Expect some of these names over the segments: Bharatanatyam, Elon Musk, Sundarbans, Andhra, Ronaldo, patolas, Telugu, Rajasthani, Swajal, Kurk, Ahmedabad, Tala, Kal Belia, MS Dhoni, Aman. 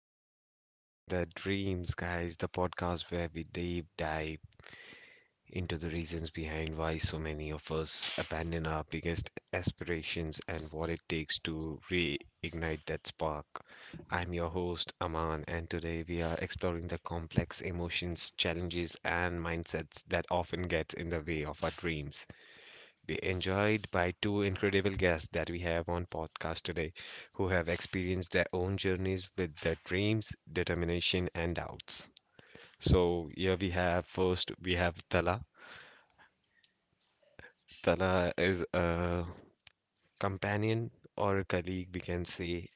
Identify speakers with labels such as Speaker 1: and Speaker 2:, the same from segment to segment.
Speaker 1: Do People Give Up on Their Dreams, guys, the podcast where we deep dive into the reasons behind why so many of us abandon our biggest aspirations and what it takes to reignite that spark. I'm your host, Aman, and today we are exploring the complex emotions, challenges, and mindsets that often get in the way of our dreams be enjoyed by two incredible guests that we have on podcast today who have experienced their own journeys with their dreams, determination, and doubts. So here we have first we have Tala. Tala is a companion or a colleague we can say,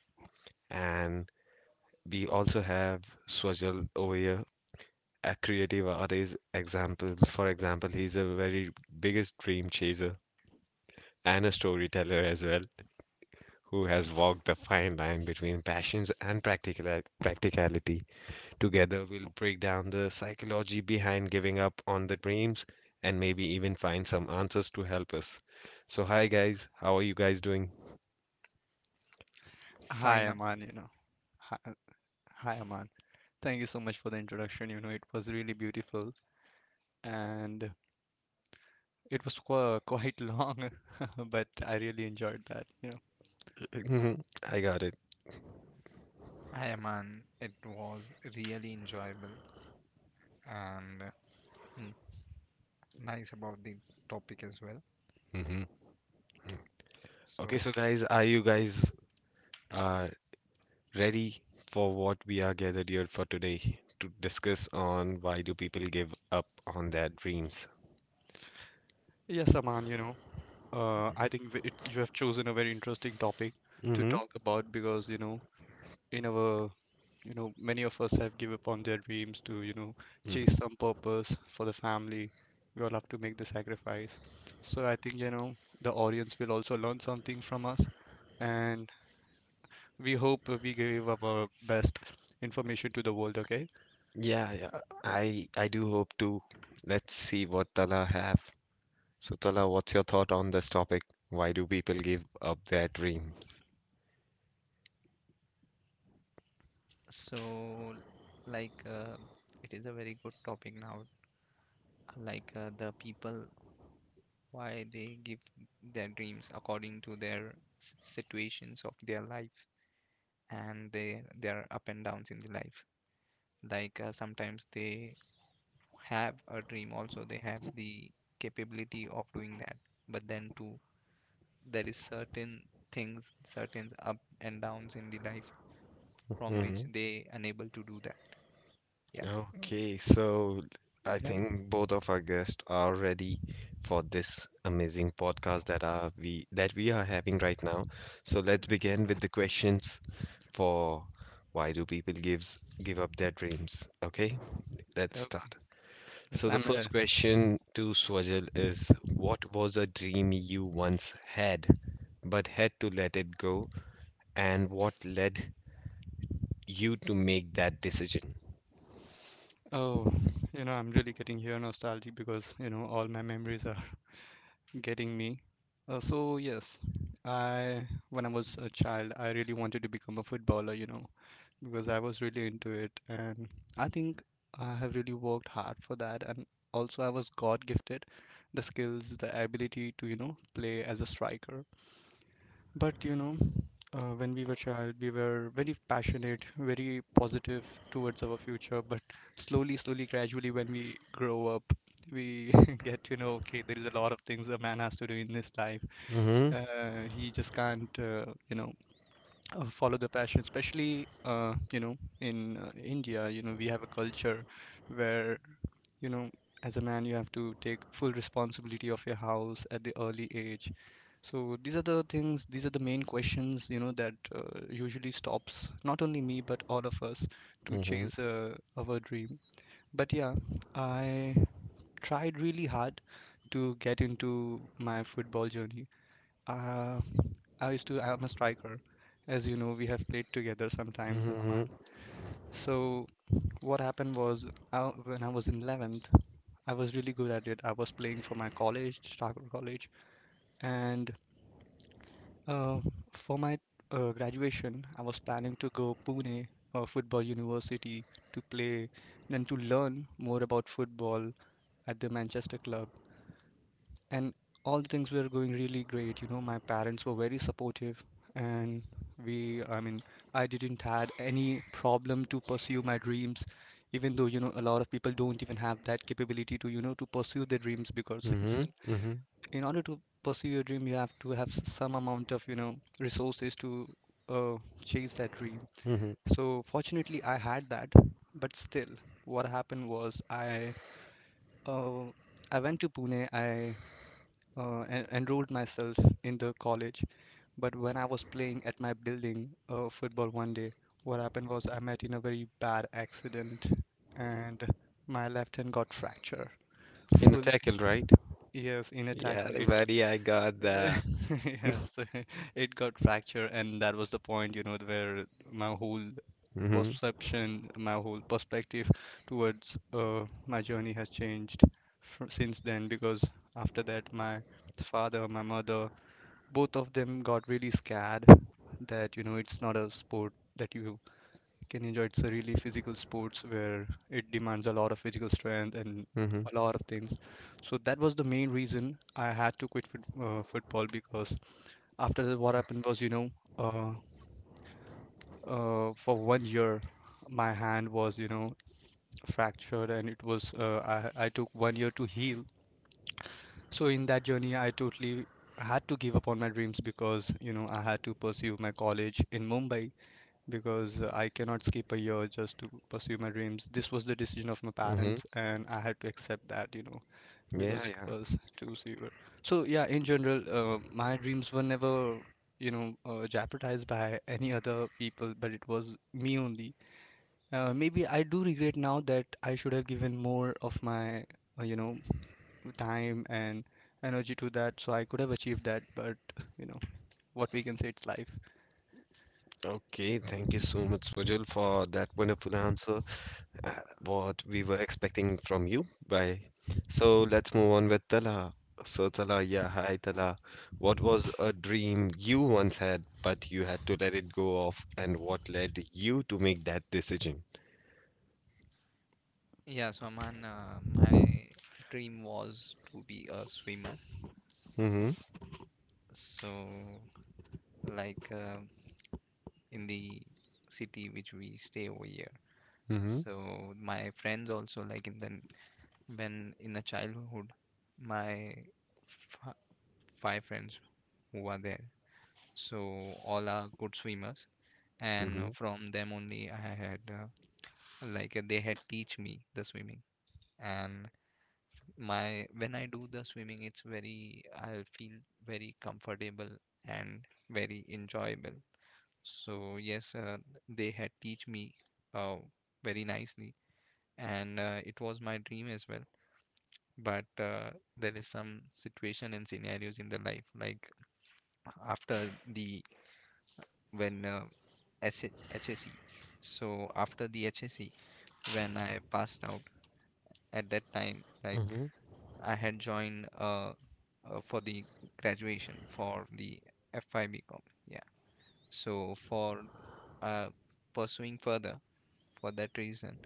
Speaker 1: and we also have Swajal over here, a creative artist example. For example, he's a very biggest dream chaser and a storyteller as well. Who has walked the fine line between passions and practical practicality. Together, we'll break down the psychology behind giving up on the dreams and maybe even find some answers to help us. So, hi guys, how are you guys doing?
Speaker 2: Hi,
Speaker 3: Fine,
Speaker 2: Aman, Hi, hi, Aman. Thank you so much for the introduction. You know, it was really beautiful and it was qu quite long, but I really enjoyed that, you know.
Speaker 1: I got it.
Speaker 3: I am, it was really enjoyable and mm, nice about the topic as well.
Speaker 1: hmm Okay,
Speaker 3: So,
Speaker 1: so guys, are you guys uh, ready for what we are gathered here for today to discuss on why do people give up on their dreams?
Speaker 2: Yes, Aman, you know, I think you have chosen a very interesting topic to
Speaker 1: Mm-hmm.
Speaker 2: talk about because, you know, in our you know many of us have give up on their dreams to you know chase some purpose for the family. We all have to make the sacrifice, so I think you know the audience will also learn something from us, and we hope we gave up our best information to the world. Okay.
Speaker 1: Yeah, yeah. I do hope to. Let's see what Tala have. So Tala, what's your thought on this topic? Why do people give up their dream?
Speaker 3: So, like, it is a very good topic now. Like, the people, why they give their dreams according to their situations of their life and their up and downs in the life. Like, sometimes they have a dream, also they have the capability of doing that, but then to there is certain things, certain up and downs in the life from which
Speaker 1: hmm
Speaker 3: they unable to do that. Yeah.
Speaker 1: Okay, so I
Speaker 2: Yeah.
Speaker 1: think both of our guests are ready for this amazing podcast that are we that we are having right now. So let's begin with the questions for why do people give up their dreams? Okay, let's
Speaker 2: Okay.
Speaker 1: start. So
Speaker 2: Yes,
Speaker 1: the
Speaker 2: I'm
Speaker 1: first question to Swajal is, what was a dream you once had but had to let it go, and what led you to make that decision?
Speaker 2: oh, you know I'm really getting here nostalgic because you know all my memories are getting me. So yes, I when I was a child, I really wanted to become a footballer, you know, because I was really into it, and I think I have really worked hard for that. And also, I was God gifted the skills, the ability to, you know, play as a striker. But you know, when we were child, we were very passionate, very positive towards our future. But slowly, slowly, gradually, when we grow up, we get to know, okay, there is a lot of things a man has to do in this life.
Speaker 1: Mhm.
Speaker 2: He just can't, you know, follow the passion, especially you know in India. You know, we have a culture where you know as a man you have to take full responsibility of your house at the early age. So these are the things, these are the main questions, you know, that usually stops not only me but all of us to
Speaker 1: Mhm.
Speaker 2: chase our dream. But yeah, I tried really hard to get into my football journey. uh, I'm a striker. As you know, we have played together sometimes,
Speaker 1: Mhm.
Speaker 2: Aman. So what happened was, when I was in 11th, I was really good at it. I was playing for my college, Striker College, and uh, for my graduation, I was planning to go Pune Football University, to play and to learn more about football at the Manchester club. And all the things were going really great. You know, my parents were very supportive, and I mean, I didn't had any problem to pursue my dreams, even though, you know, a lot of people don't even have that capability to, you know, to pursue their dreams, because
Speaker 1: Mhm. Mhm.
Speaker 2: in order to pursue your dream, you have to have some amount of, you know, resources to uh, chase that dream.
Speaker 1: Mhm.
Speaker 2: So fortunately, I had that, but still, what happened was uh, I went to Pune. I enrolled myself in the college. But when I was playing at my building football one day, what happened was I met in a very bad accident, and my left hand got fracture.
Speaker 1: In a
Speaker 2: Full.
Speaker 1: tackle, right?
Speaker 2: Yes, in a
Speaker 1: Yeah,
Speaker 2: tackle it.
Speaker 1: buddy, I got
Speaker 2: Uh,
Speaker 1: that.
Speaker 2: yes, it got fracture, and that was the point, you know, where my whole
Speaker 1: Mhm.
Speaker 2: perception, my whole perspective towards my journey has changed fr since then. Because after that, my father, my mother, both of them got really scared that you know it's not a sport that you can enjoy. It's a really physical sports where it demands a lot of physical strength and
Speaker 1: Mhm.
Speaker 2: a lot of things. So that was the main reason I had to quit football, because after that what happened was you know uh, for 1 year my hand was you know fractured, and it was I took 1 year to heal. So in that journey, I totally had to give up on my dreams because, you know, I had to pursue my college in Mumbai, because I cannot skip a year just to pursue my dreams. This was the decision of my
Speaker 1: Mhm.
Speaker 2: parents, and I had to accept that, you know,
Speaker 1: Yeah,
Speaker 2: because it
Speaker 1: yeah.
Speaker 2: was too severe. So yeah, in general, my dreams were never, you know, jeopardized by any other people, but it was me only. Maybe I do regret now that I should have given more of my, you know, time and energy to that, so I could have achieved that. But you know, what we can say, it's life.
Speaker 1: Okay, thank you so much, Swajal, for that wonderful answer. uh, what we were expecting from you. Bye. So let's move on with Tala. So Tala, yeah, hi Tala. What was a dream you once had, but you had to let it go of, and what led you to make that decision?
Speaker 3: Yeah, so Aman, my dream was to be a swimmer.
Speaker 1: Mm-hmm.
Speaker 3: So, like in the city which we stay over here.
Speaker 1: Mm-hmm.
Speaker 3: So my friends also, like in the when in the childhood, my f five friends who are there. So all are good swimmers, and
Speaker 1: Mm-hmm.
Speaker 3: from them only I had, like they had teach me the swimming, and my when I do the swimming, it's very, I feel very comfortable and very enjoyable. So yes, they had teach me uh, very nicely, and it was my dream as well. But there is some situation and scenarios in the life, like after the when HSE. So after the HSC, when I passed out, at that time, like,
Speaker 1: Mm-hmm.
Speaker 3: I had joined for the graduation for the FIBCom. Yeah. So for uh pursuing further, for that reason,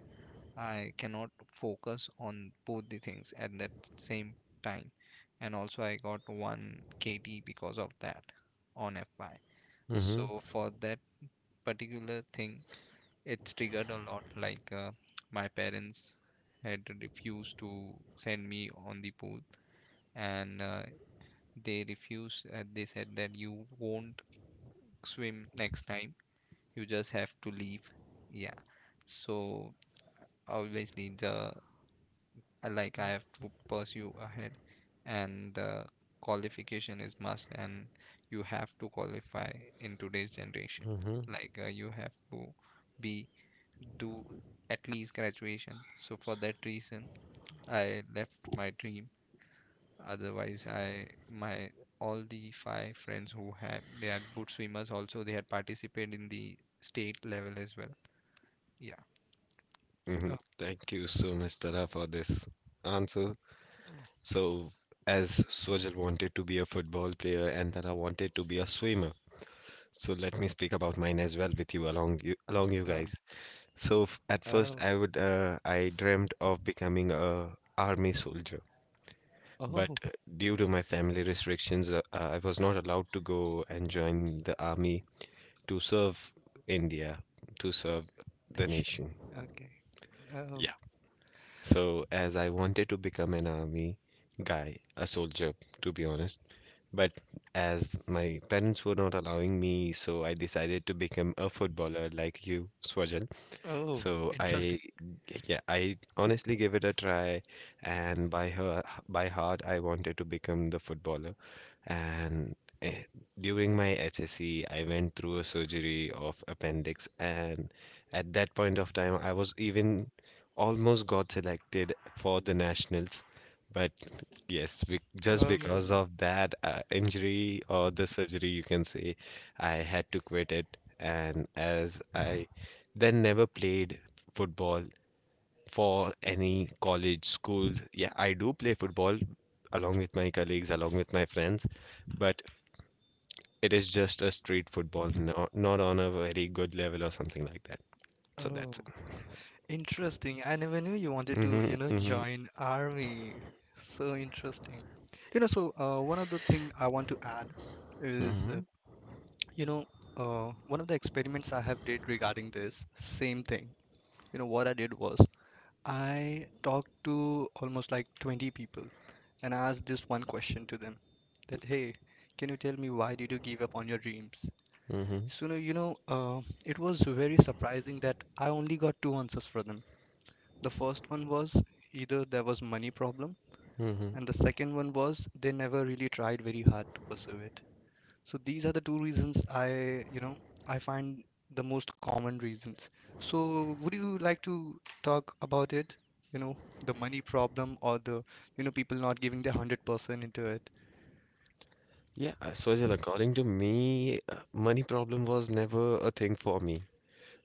Speaker 3: I cannot focus on both the things at that same time. And also I got one KT because of that on FI.
Speaker 1: Mm-hmm.
Speaker 3: So for that particular thing, it's triggered a lot, like my parents had refused to send me on the pool, and they refused. They said that you won't swim next time. You just have to leave. Yeah. So obviously, the like, I have to pursue ahead, and the qualification is must, and you have to qualify in today's generation.
Speaker 1: Mm-hmm.
Speaker 3: Like, you have to be do at least graduation. So for that reason, I left my dream. Otherwise, I my all the five friends who had, they are good swimmers, also they had participated in the state level as well. Yeah.
Speaker 1: Mm-hmm.
Speaker 2: Oh.
Speaker 1: Thank you so much, Tala, for this answer.
Speaker 2: Oh.
Speaker 1: So, as Sojal wanted to be a football player and Tara wanted to be a swimmer, so let me speak about mine as well with you along you
Speaker 2: um,
Speaker 1: guys. So at first
Speaker 2: oh.
Speaker 1: I would I dreamt of becoming a army soldier, but
Speaker 2: Oh,
Speaker 1: due to my family restrictions, I was not allowed to go and join the army to serve India, to serve
Speaker 2: they
Speaker 1: the nation.
Speaker 2: okay. Oh.
Speaker 1: Yeah. So as I wanted to become an army guy, a soldier, to be honest. But as my parents were not allowing me, so I decided to become a footballer like you, Swajal.
Speaker 2: Oh,
Speaker 1: So I,
Speaker 2: interesting.
Speaker 1: yeah, I honestly gave it a try, and by her, by heart, I wanted to become the footballer. And eh, during my HSC, I went through a surgery of appendix, and at that point of time, I was even almost got selected for the nationals. But yes, be just
Speaker 2: Oh.
Speaker 1: because of that injury or the surgery, you can say, I had to quit it. And as I then never played football for any college, school. Yeah, I do play football along with my colleagues, along with my friends, but it is just a street football, not, not on a very good level or something like that. So
Speaker 2: Oh,
Speaker 1: that's it.
Speaker 2: interesting. I never knew you wanted to,
Speaker 1: Mm-hmm,
Speaker 2: you know,
Speaker 1: mm-hmm.
Speaker 2: join army. So interesting. You know, so one other thing I want to add is,
Speaker 1: hmm
Speaker 2: you know, one of the experiments I have did regarding this same thing. You know, what I did was I talked to almost like 20 people, and I asked this one question to them, that, hey, can you tell me why did you give up on your dreams?
Speaker 1: hmm
Speaker 2: So, no, you know, it was very surprising that I only got two answers for them. The first one was either there was money problem,
Speaker 1: hmm
Speaker 2: and the second one was they never really tried very hard to pursue it. So these are the two reasons I, you know, I find the most common reasons. So would you like to talk about it? You know, the money problem, or the, you know, people not giving their 100% into it.
Speaker 1: Yeah, Swajal, according to me, money problem was never a thing for me.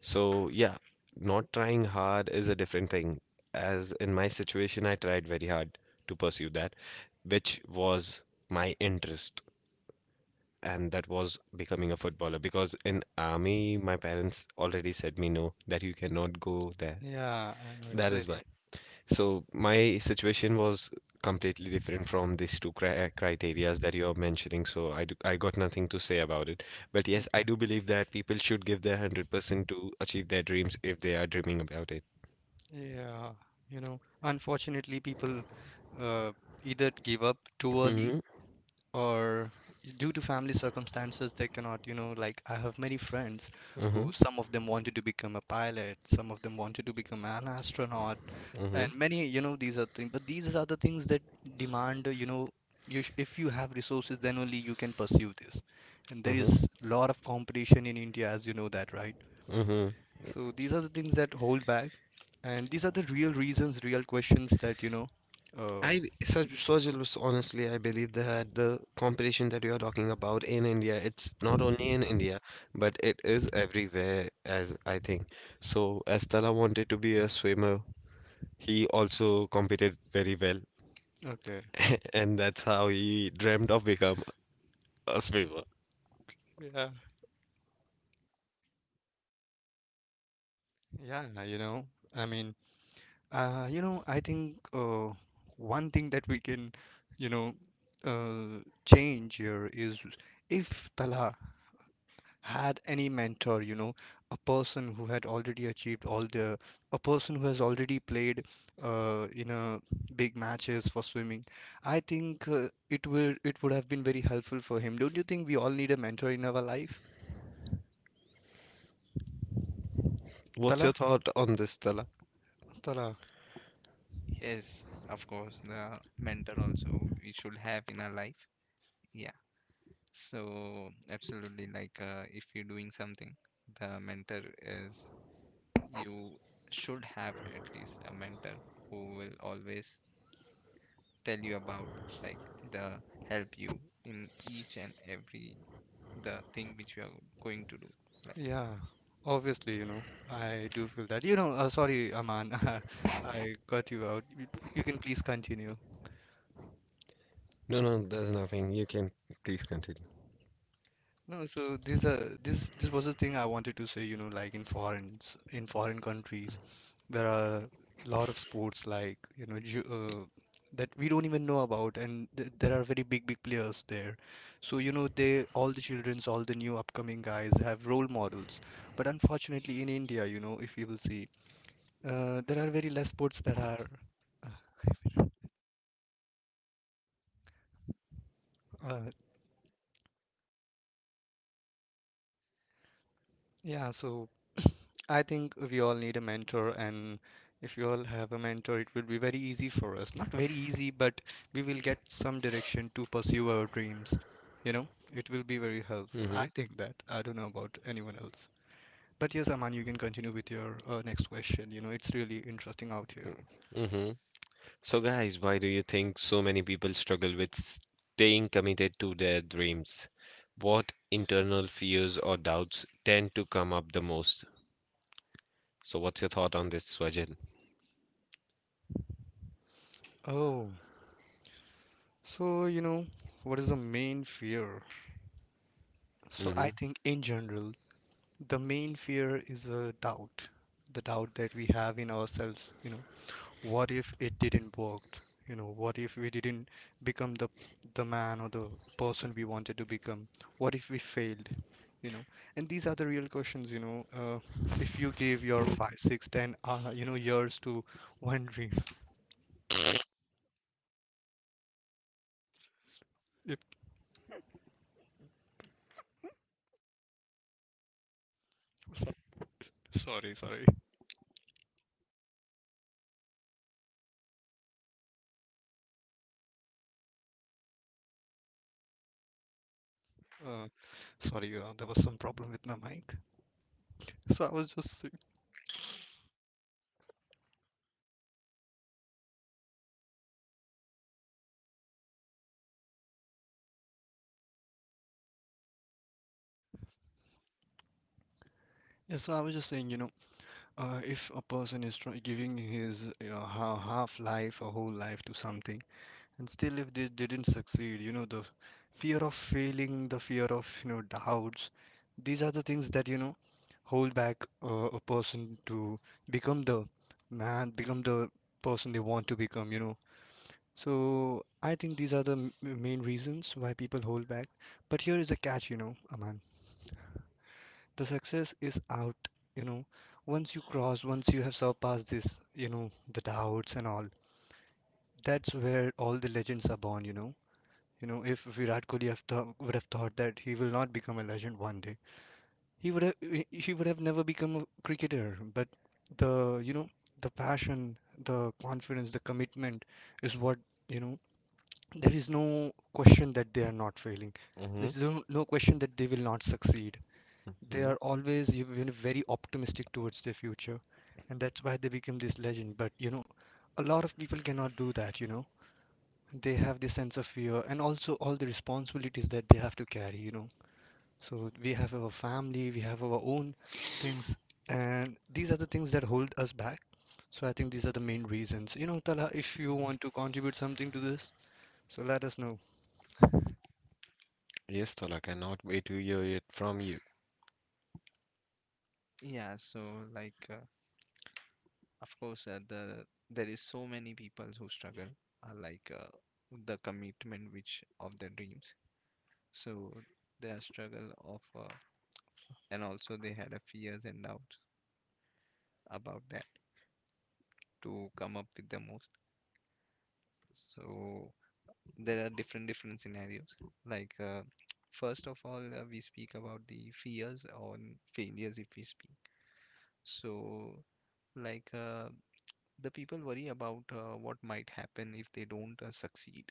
Speaker 1: So, yeah, not trying hard is a different thing. As in my situation, I tried very hard to pursue that, which was my interest, and that was becoming a footballer. Because in army, my parents already said me no, that you cannot go there.
Speaker 2: Yeah, I know it's
Speaker 1: That is why.
Speaker 2: very.
Speaker 1: So my situation was completely different from these two criterias that you're mentioning. So I got nothing to say about it. But yes,
Speaker 2: Okay.
Speaker 1: I do believe that people should give their 100% to achieve their dreams if they are dreaming about it.
Speaker 2: Yeah, you know, unfortunately, people uh, either give up too early
Speaker 1: Mm-hmm.
Speaker 2: or due to family circumstances they cannot, you know. Like I have many friends who
Speaker 1: Mm-hmm.
Speaker 2: some of them wanted to become a pilot, some of them wanted to become an astronaut,
Speaker 1: Mm-hmm.
Speaker 2: and many, you know, these are things. But these are the things that demand you know, you if you have resources then only you can pursue this, and there
Speaker 1: Mm-hmm.
Speaker 2: is lot of competition in india as you know that, right?
Speaker 1: Mm-hmm.
Speaker 2: So these are the things that hold back, and these are the real reasons, real questions, that you know. Oh.
Speaker 1: I such Swajil, honestly, I believe that the competition that you are talking about in India, it's not only in India, but it is everywhere, as I think. So, as Tala wanted to be a swimmer, he also competed very well,
Speaker 2: Okay.
Speaker 1: and that's how he dreamed of become a swimmer.
Speaker 2: Yeah. Yeah, you know, I mean, you know, I think one thing that we can, you know, change here is if Tala had any mentor, you know, a person who had already achieved a person who has already played in a big matches for swimming, I think it would have been very helpful for him. Don't you think we all need a mentor in our life?
Speaker 1: What's your
Speaker 2: Tala,
Speaker 1: thought on this, Stella?
Speaker 2: Tala.
Speaker 3: Yes, of course, the mentor also we should have in our life. Yeah. So absolutely, like if you're doing something, the mentor is, you should have at least a mentor who will always tell you about, like, the, help you in each and every the thing which you are going to do, like.
Speaker 2: Yeah, obviously, you know, I do feel that. You know, sorry, Aman, I cut you out. You can please continue.
Speaker 1: No, no, there's nothing. You can please continue.
Speaker 2: No, so this this was the thing I wanted to say, you know, like in foreign countries, there are a lot of sports like, you know, ju that we don't even know about, and th there are very big players there. So, you know, they all the childrens, all the new upcoming guys have role models. But unfortunately in India, you know, if you will see there are very less sports that are, uh, uh, yeah, so I think we all need a mentor, and if you all have a mentor, it will be very easy for us. Not very easy, but we will get some direction to pursue our dreams. You know, it will be very helpful. I
Speaker 1: Mm-hmm.
Speaker 2: think that. I don't know about anyone else. But yes, Aman, you can continue with your next question. You know, it's really interesting out here.
Speaker 1: Mm-hmm. So, guys, why do you think so many people struggle with staying committed to their dreams? What internal fears or doubts tend to come up the most? So, what's your thought on this, Swajil?
Speaker 2: Oh, so you know, what is the main fear? So
Speaker 1: Mm-hmm.
Speaker 2: I think in general, the main fear is a doubt, the doubt that we have in ourselves, you know. What if it didn't work? You know, what if we didn't become the man or the person we wanted to become? What if we failed? You know, and these are the real questions, you know. If you gave your five, six, ten, you know, years to one dream, if, so- sorry, sorry, uh, sorry, there was some problem with my mic. So I was just, saying- yeah, so I was just saying, you know, if a person is giving his you half life, a whole life to something, and still if they didn't succeed, you know, the fear of failing, the fear of, you know, doubts, these are the things that, you know, hold back a person to become the man, become the person they want to become, you know. So I think these are the main reasons why people hold back. But here is a catch, you know, Aman, the success is out, you know. Once you cross, once you have surpassed this, you know, the doubts and all, that's where all the legends are born, you know. You know, if Virat Kohli would have thought that he will not become a legend one day, he would have, he would have never become a cricketer. But the, you know, the passion, the confidence, the commitment is what, you know, there is no question that they are not failing. There
Speaker 1: Mm-hmm.
Speaker 2: is no question that they will not succeed. They
Speaker 1: Mm-hmm.
Speaker 2: are always, you know, very optimistic towards their future, and that's why they become this legend. But you know, a lot of people cannot do that, you know. They have this sense of fear and also all the responsibilities that they have to carry, you know. So we have our family, we have our own things, and these are the things that hold us back. So I think these are the main reasons. You know, Tala, if you want to contribute something to this, so let us know.
Speaker 1: Yes, Tolak, I cannot wait to hear it from you.
Speaker 3: Yeah, so like of course, the there is so many people who struggle, like the commitment which of their dreams, so their struggle of, and also they had a fears and doubts about that, to come up with the most. So there are different scenarios, like first of all, we speak about the fears on failures, if we speak. So like the people worry about what might happen if they don't succeed.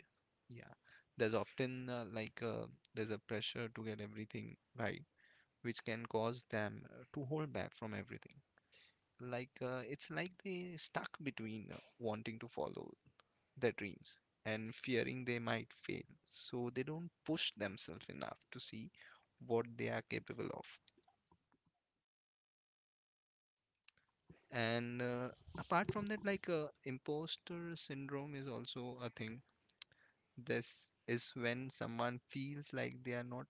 Speaker 3: Yeah. There's often, like there's a pressure to get everything right, which can cause them to hold back from everything, like it's like they stuck between wanting to follow their dreams and fearing they might fail. So they don't push themselves enough to see what they are capable of. And apart from that, like imposter syndrome is also a thing. This is when someone feels like they are not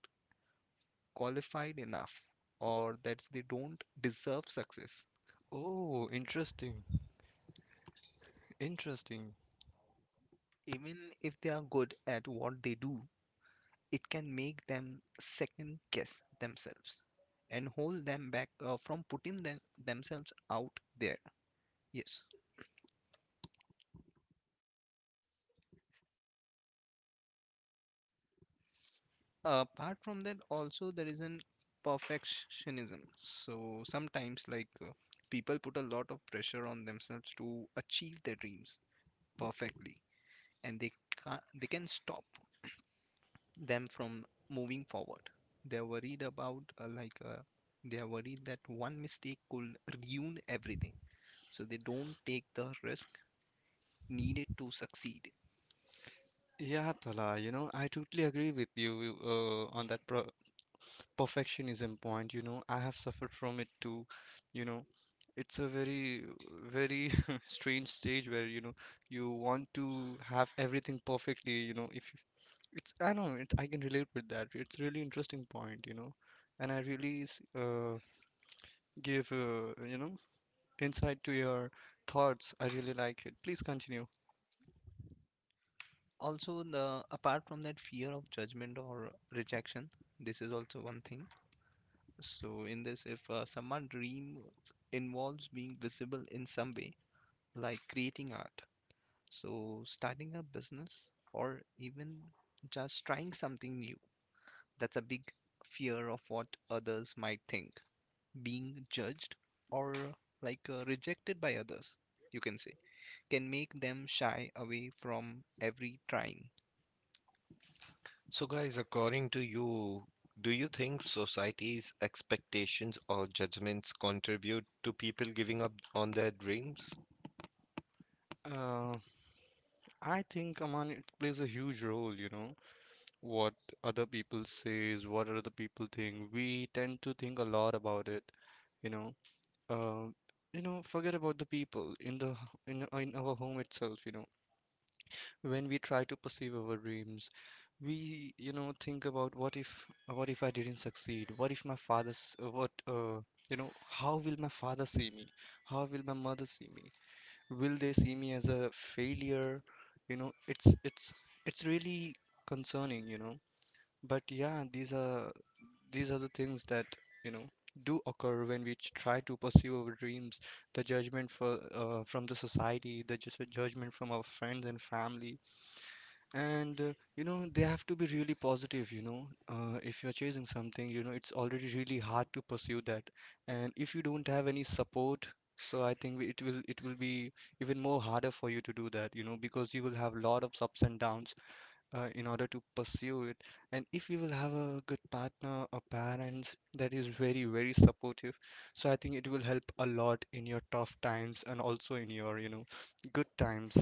Speaker 3: qualified enough or that they don't deserve success,
Speaker 2: Oh, interesting. Interesting.
Speaker 3: even if they are good at what they do. It can make them second guess themselves and hold them back, from putting themselves out there. Yes. Apart from that, also there is an perfectionism. So sometimes, like, people put a lot of pressure on themselves to achieve their dreams perfectly, and they can stop them from moving forward. They're worried about, like they are worried that one mistake could ruin everything, so they don't take the risk needed to succeed.
Speaker 2: Yeah, Tala, you know, I totally agree with you on that pro perfectionism point. You know, I have suffered from it too. You know, it's a very, very strange stage where, you know, you want to have everything perfectly. You know, if you, it's, I know, it, I can relate with that. It's really interesting point, you know, and I really give, you know, insight to your thoughts. I really like it. Please continue.
Speaker 3: Also, the apart from that fear of judgment or rejection, this is also one thing. So in this, if someone dream involves being visible in some way, like creating art, so starting a business or even just trying something new. That's a big fear of what others might think, being judged or like rejected by others, you can say, can make them shy away from every trying.
Speaker 1: So, guys, according to you, do you think society's expectations or judgments contribute to people giving up on their dreams?
Speaker 2: Uh, I think, Aman, it plays a huge role, you know. What other people says, what other people think. We tend to think a lot about it, you know. Um, you know, forget about the people in the in our home itself, you know. When we try to pursue our dreams, we, you know, think about what if, what if I didn't succeed? What if my father's what you know, how will my father see me? How will my mother see me? Will they see me as a failure? You know, it's it's really concerning, you know. But yeah, these are, these are the things that, you know, do occur when we try to pursue our dreams. The judgment for from the society, the just judgment from our friends and family, and you know, they have to be really positive. You know, if you're chasing something, you know, it's already really hard to pursue that, and if you don't have any support. So I think it will be even more harder for you to do that, you know, because you will have a lot of ups and downs in order to pursue it. And if we will have a good partner or parents that is very, very supportive, so I think it will help a lot in your tough times and also in your, you know, good times.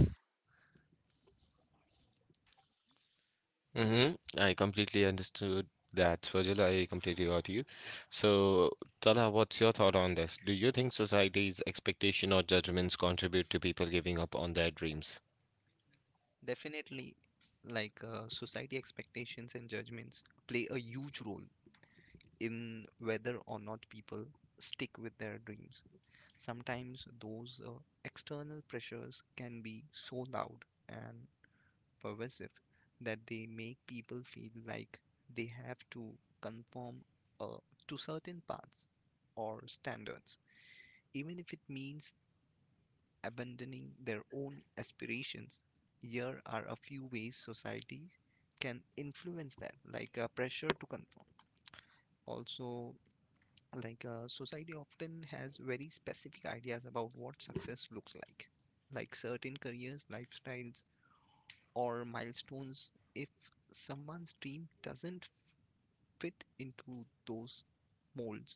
Speaker 1: Mm-hmm. I completely understood that, Virgil. I completely got you. So, Tala, what's your thought on this? Do you think society's expectation or judgments contribute to people giving up on their dreams?
Speaker 3: Definitely, like society expectations and judgments play a huge role in whether or not people stick with their dreams. Sometimes those external pressures can be so loud and pervasive that they make people feel like they have to conform uh, to certain paths or standards, even if it means abandoning their own aspirations. Here are a few ways societies can influence that, like pressure to conform. Also, like society often has very specific ideas about what success looks like certain careers, lifestyles, or milestones. If someone's dream doesn't fit into those molds,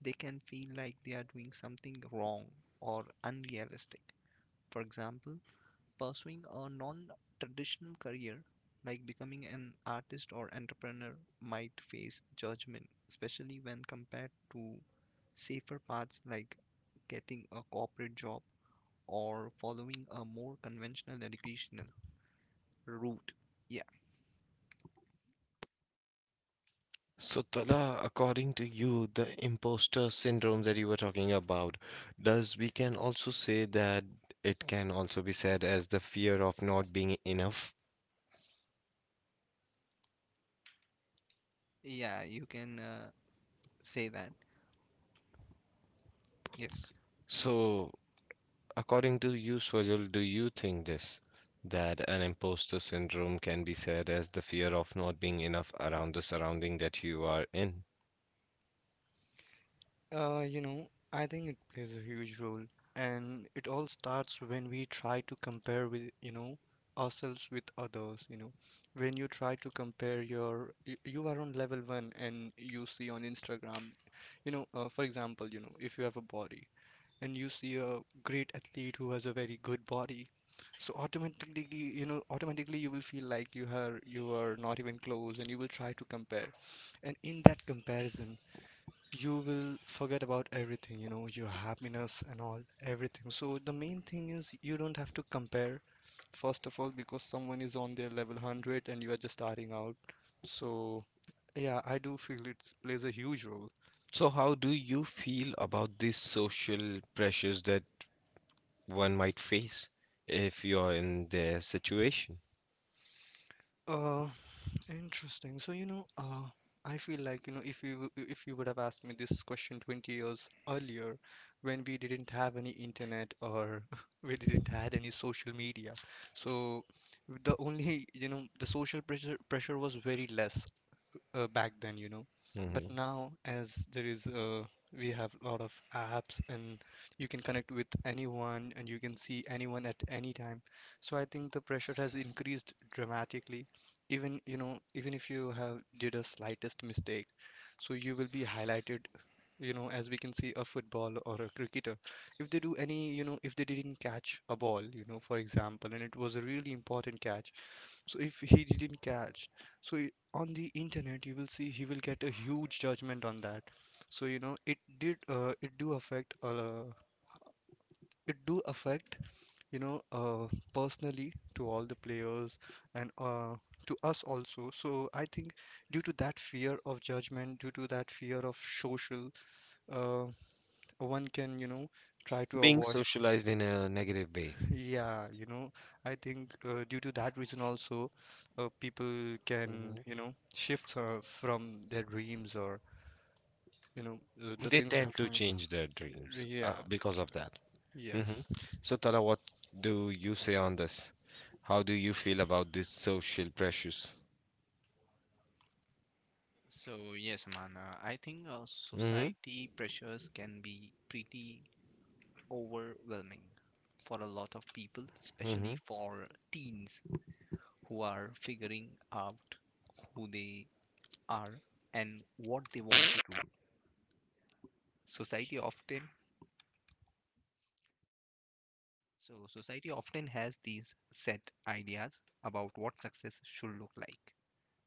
Speaker 3: they can feel like they are doing something wrong or unrealistic. For example, pursuing a non-traditional career, like becoming an artist or entrepreneur, might face judgment, especially when compared to safer paths, like getting a corporate job or following a more conventional educational route.
Speaker 1: So, Tala, according to you, the imposter syndrome that you were talking about, does we can also say that it can also be said as the fear of not being enough?
Speaker 3: Yeah, you can, say that. Yes.
Speaker 1: So, according to you, Swajal, do you think this that an imposter syndrome can be said as the fear of not being enough around the surrounding that you are in?
Speaker 2: You know, I think it plays a huge role, and it all starts when we try to compare with, you know, ourselves with others, you know. When you try to compare your, you are on level one and you see on Instagram, you know, for example, you know, if you have a body and you see a great athlete who has a very good body, so automatically, you know, automatically you will feel like you are not even close and you will try to compare. And in that comparison, you will forget about everything, you know, your happiness and all, everything. So the main thing is you don't have to compare, first of all, because someone is on their level 100 and you are just starting out. So yeah, I do feel it plays a huge role.
Speaker 1: So, how do you feel about these social pressures that one might face if you're in their situation?
Speaker 2: Uh, Interesting. So, you know, I feel like, you know, if you would have asked me this question 20 years earlier, when we didn't have any internet or we didn't had any social media, so the only, you know, the social pressure was very less back then, you know. But
Speaker 1: Mhm.
Speaker 2: now, as there is we have a lot of apps and you can connect with anyone and you can see anyone at any time. So I think the pressure has increased dramatically. Even, you know, even if you have did a slightest mistake, so you will be highlighted, you know, as we can see a football or a cricketer. If they do any, you know, if they didn't catch a ball, you know, for example, and it was a really important catch. So if he didn't catch, so on the internet you will see he will get a huge judgment on that. So you know it did, it do affect, it do affect, you know, personally, to all the players and to us also. So I think due to that fear of judgment, due to that fear of social, uh, one can, you know, try to
Speaker 1: Being
Speaker 2: avoid.
Speaker 1: socialized in a negative way,
Speaker 2: Yeah, you know, I think, due to that reason also, people can,
Speaker 1: Mhm.
Speaker 2: you know, shift, from their dreams or, you know, the
Speaker 1: they
Speaker 2: things they're
Speaker 1: tend to
Speaker 2: trying.
Speaker 1: change their dreams
Speaker 2: Yeah,
Speaker 1: because of that. hmm
Speaker 2: yes.
Speaker 1: So, Tala, what do you say on this? How do you feel about these social pressures?
Speaker 3: So, yes, Amana, I think
Speaker 1: hmm
Speaker 3: society pressures can be pretty overwhelming for a lot of people, especially
Speaker 1: hmm
Speaker 3: for teens who are figuring out who they are and what they want to do. Society often so society often has these set ideas about what success should look like.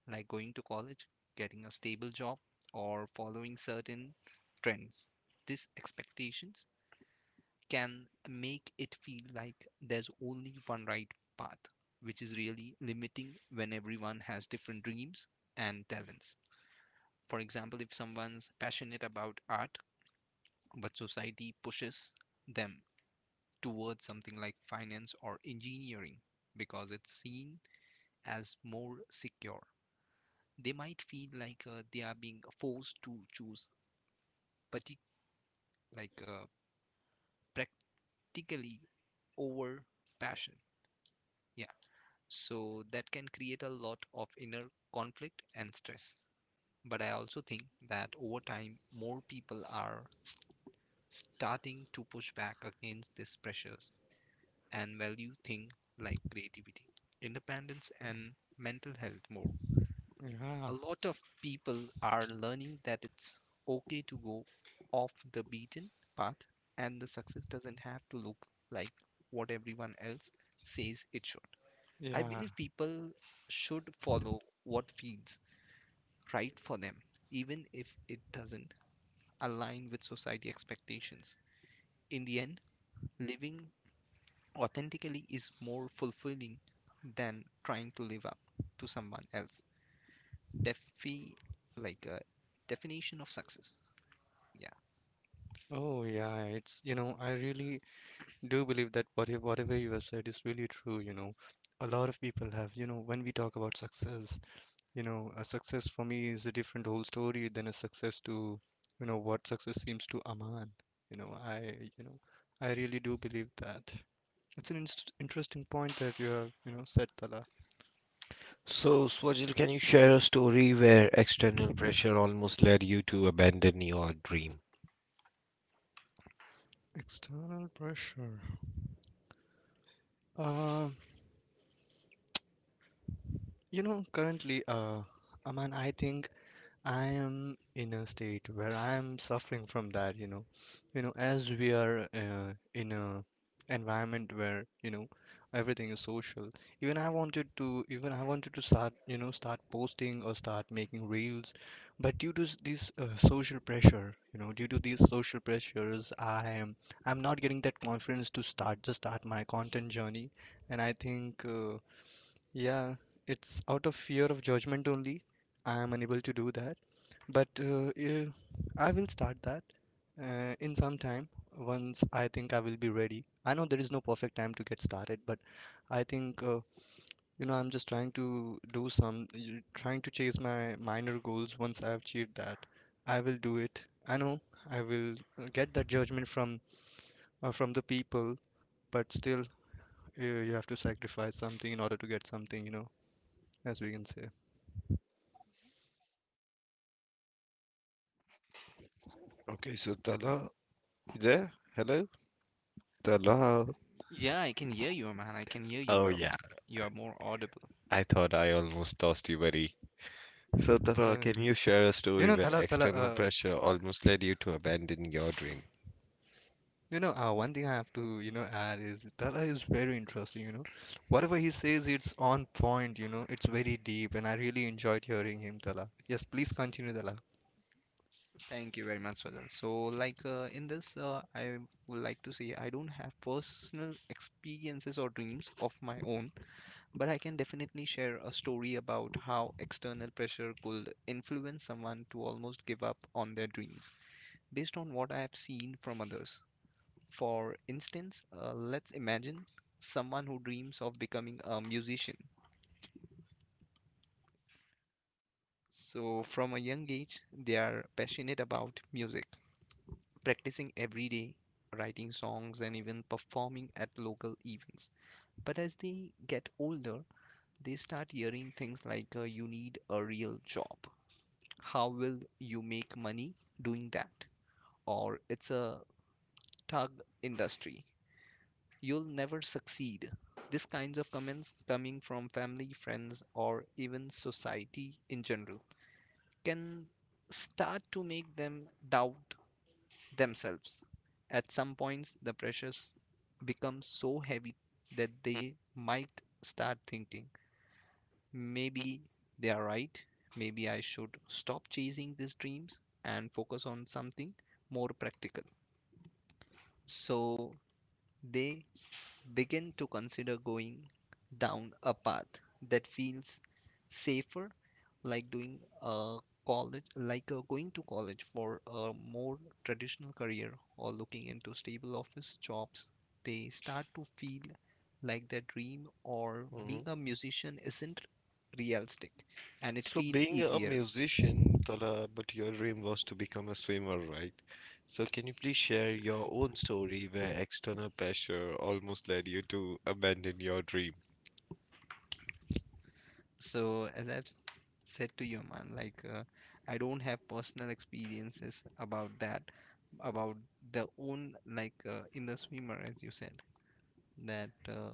Speaker 3: like going to college, getting a stable job, or following certain trends. These expectations can make it feel like there's only one right path, which is really limiting when everyone has different dreams and talents. For example, if someone's passionate about art, but society pushes them towards something like finance or engineering because it's seen as more secure, they might feel like they are being forced to choose, partic- like practically over passion. Yeah. So that can create a lot of inner conflict and stress. But I also think that over time, more people are starting to push back against these pressures and value things like creativity, independence, and mental health more.
Speaker 2: Yeah,
Speaker 3: A lot of people are learning that it's okay to go off the beaten path, and the success doesn't have to look like what everyone else says it should. I
Speaker 2: yeah.
Speaker 3: believe people should follow what feels right for them, even if it doesn't align with society expectations. In the end, living authentically is more fulfilling than trying to live up to someone else. Defi Like a definition of success. Yeah.
Speaker 2: Oh yeah, it's, you know, I really do believe that whatever you have said is really true, you know. A lot of people have, you know, when we talk about success, you know, a success for me is a different whole story than a success to, you know, what success seems to Aman. You know, I you know, I really do believe that it's an inst interesting point that you have, you know, said, Tala.
Speaker 1: So, Swajil, can you share a story where external pressure almost led you to abandon your dream?
Speaker 2: External pressure, uh you know, currently, Aman, I think I am in a state where I am suffering from that, you know. You know, as we are in a environment where, you know, everything is social. Even I wanted to start, you know, start posting or start making reels, but due to this social pressure, you know, due to these social pressures, I am, I'm not getting that confidence to start, just start my content journey. And I think. Yeah, it's out of fear of judgment only. I am unable to do that. But I will start that in some time, once I think I will be ready. I know there is no perfect time to get started, but I think, you know, I'm just trying to do some trying to chase my minor goals. Once I've achieved that, I will do it. I know I will get that judgment from the people, but still, you have to sacrifice something in order to get something, you know, as we can say.
Speaker 1: Okay, so Tala, you there? Hello? Tala.
Speaker 3: Yeah, I can hear you, man. I can hear you
Speaker 1: Oh
Speaker 3: well.
Speaker 1: yeah,
Speaker 3: You are more audible.
Speaker 1: I thought I almost lost you, buddy. So Tala,
Speaker 2: Uh,
Speaker 1: can you share a
Speaker 2: you
Speaker 1: story
Speaker 2: know,
Speaker 1: where external pressure
Speaker 2: Uh,
Speaker 1: almost led you to abandon your dream?
Speaker 2: you know, one thing I have to, you know, add is Tala is very interesting, you know. Whatever he says, it's on point, you know, it's very deep, and I really enjoyed hearing him, Tala. Yes, please continue, Tala.
Speaker 3: Thank you very much, Swajal. So, like in this, I would like to say I don't have personal experiences or dreams of my own, but I can definitely share a story about how external pressure could influence someone to almost give up on their dreams based on what I have seen from others. For instance, let's imagine someone who dreams of becoming a musician. So from a young age, they are passionate about music, practicing every day, writing songs, and even performing at local events. But as they get older, they start hearing things like, you need a real job. How will you make money doing that? Or it's a tug industry. You'll never succeed. These kinds of comments coming from family, friends, or even society in general can start to make them doubt themselves. At some points, the pressures become so heavy that they might start thinking maybe they are right, maybe I should stop chasing these dreams and focus on something more practical. So they begin to consider going down a path that feels safer, like doing a college, like going to college for a more traditional career or looking into stable office jobs. They start to feel like their dream or
Speaker 1: hmm
Speaker 3: being a musician isn't realistic, and it
Speaker 1: So
Speaker 3: feels
Speaker 1: being a
Speaker 3: easier.
Speaker 1: musician, Tala, but your dream was to become a swimmer, right? So can you please share your own story where external pressure almost led you to abandon your dream?
Speaker 3: So, as I've said to you, man, like I don't have personal experiences about that, about the own, like in the swimmer, as you said, that,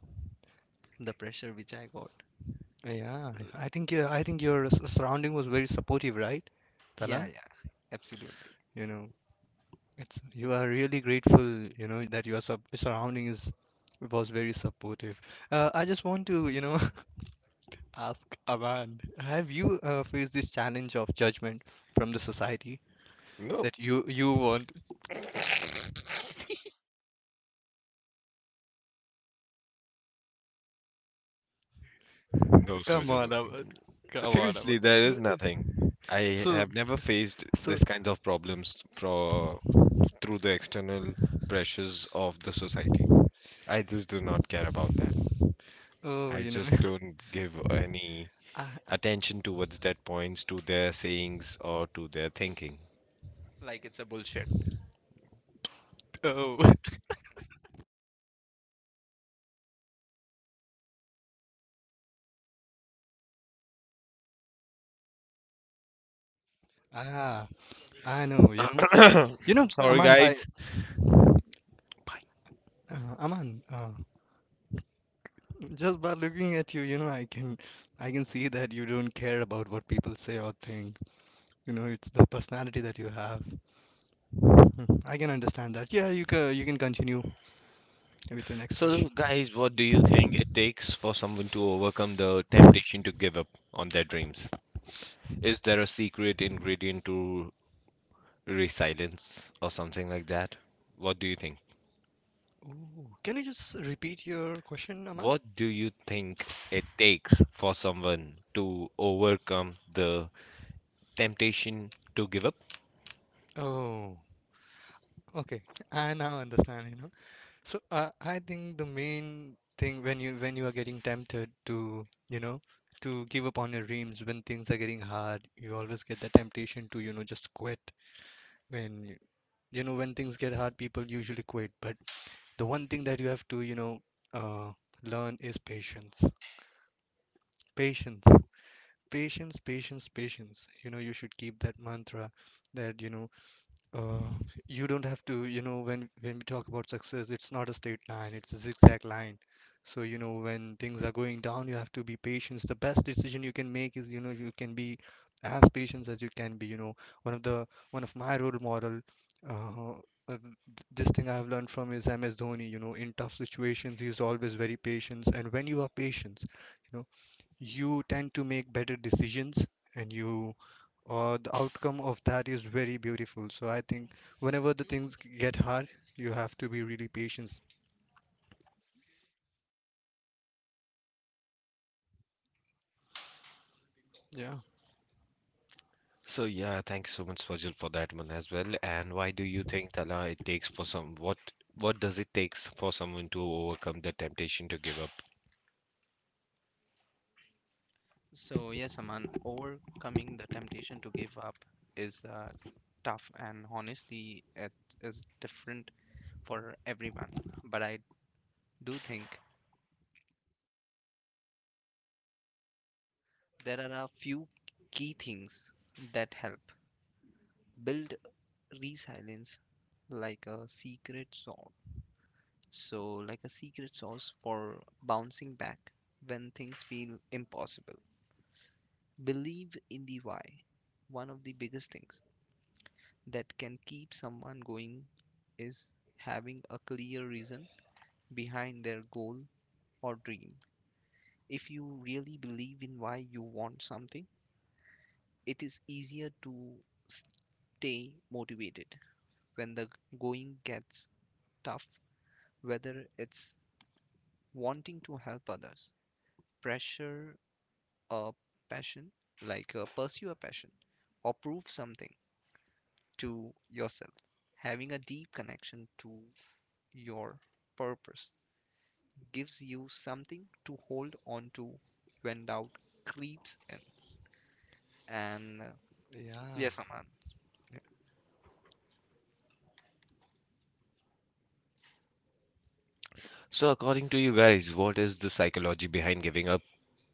Speaker 3: the pressure which I got.
Speaker 2: Yeah,
Speaker 3: Uh,
Speaker 2: I think your surrounding was very supportive, right,
Speaker 3: Yeah,
Speaker 2: Tala?
Speaker 3: yeah, absolutely.
Speaker 2: You know, it's, you are really grateful, you know, that your sub surrounding is, was very supportive. I just want to, you know, ask Aman, have you faced this challenge of judgment from the society
Speaker 1: No.
Speaker 2: that you want?
Speaker 1: No,
Speaker 2: Come
Speaker 1: Swajal.
Speaker 2: on, Aman. Come on, Aman.
Speaker 1: Seriously, there is nothing. I
Speaker 2: So,
Speaker 1: have never faced
Speaker 2: so,
Speaker 1: this kind of problems for through the external pressures of the society. I just do not care about that.
Speaker 2: oh,
Speaker 1: I
Speaker 2: you know,
Speaker 1: just don't give any
Speaker 2: I,
Speaker 1: attention towards that points to their sayings or to their thinking.
Speaker 3: Like, it's a bullshit.
Speaker 2: oh, ah, I know, you know, you know,
Speaker 1: Sorry,
Speaker 2: Aman, by
Speaker 1: guys. Bye.
Speaker 2: Aman, just by looking at you, you know, I can see that you don't care about what people say or think. You know, it's the personality that you have. Hmm, I can understand that. Yeah, you can continue with your next question.
Speaker 1: So, guys, what do you think it takes for someone to overcome the temptation to give up on their dreams? Is there a secret ingredient to resilience or something like that? What do you think?
Speaker 2: Oh, can you just repeat your question, Aman?
Speaker 1: What do you think it takes for someone to overcome the temptation to give up?
Speaker 2: Oh, okay. I now understand, you know. So, I think the main thing, when you, when you are getting tempted to, you know, to give up on your dreams, when things are getting hard, you always get the temptation to, you know, just quit. When you know, when things get hard, people usually quit. But the one thing that you have to, you know, uh, learn is patience. Patience. Patience, patience, patience. You know, you should keep that mantra that, you know, Uh, you don't have to, you know, when we talk about success, it's not a straight line, it's a zigzag line. So, you know, when things are going down, you have to be patient. The best decision you can make is, you know, you can be as patient as you can be. You know, one of the one of my role model, uh, uh, this thing I've learned from is MS Dhoni. You know, in tough situations, he's always very patient. And when you are patient, you know, you tend to make better decisions and you the outcome of that is very beautiful, so I think whenever the things get hard, you have to be really patient. Yeah,
Speaker 1: So yeah, thank you so much, Fajal, for that one as well. And why do you think, Tala, it takes for some what does it takes for someone to overcome the temptation to give up?
Speaker 3: So, yes, Aman, overcoming the temptation to give up is, tough, and honestly, it is different for everyone. But I do think there are a few key things that help build resilience, like a secret sauce. So, like a secret sauce for bouncing back when things feel impossible. Believe in the why. One of the biggest things that can keep someone going is having a clear reason behind their goal or dream. If you really believe in why you want something, it is easier to stay motivated when the going gets tough, whether it's wanting to help others, pressure a passion, pursue a passion, or prove something to yourself. Having a deep connection to your purpose gives you something to hold on to when doubt creeps in. And
Speaker 2: yeah,
Speaker 3: Yes, Aman, yeah,
Speaker 1: So according to you guys, what is the psychology behind giving up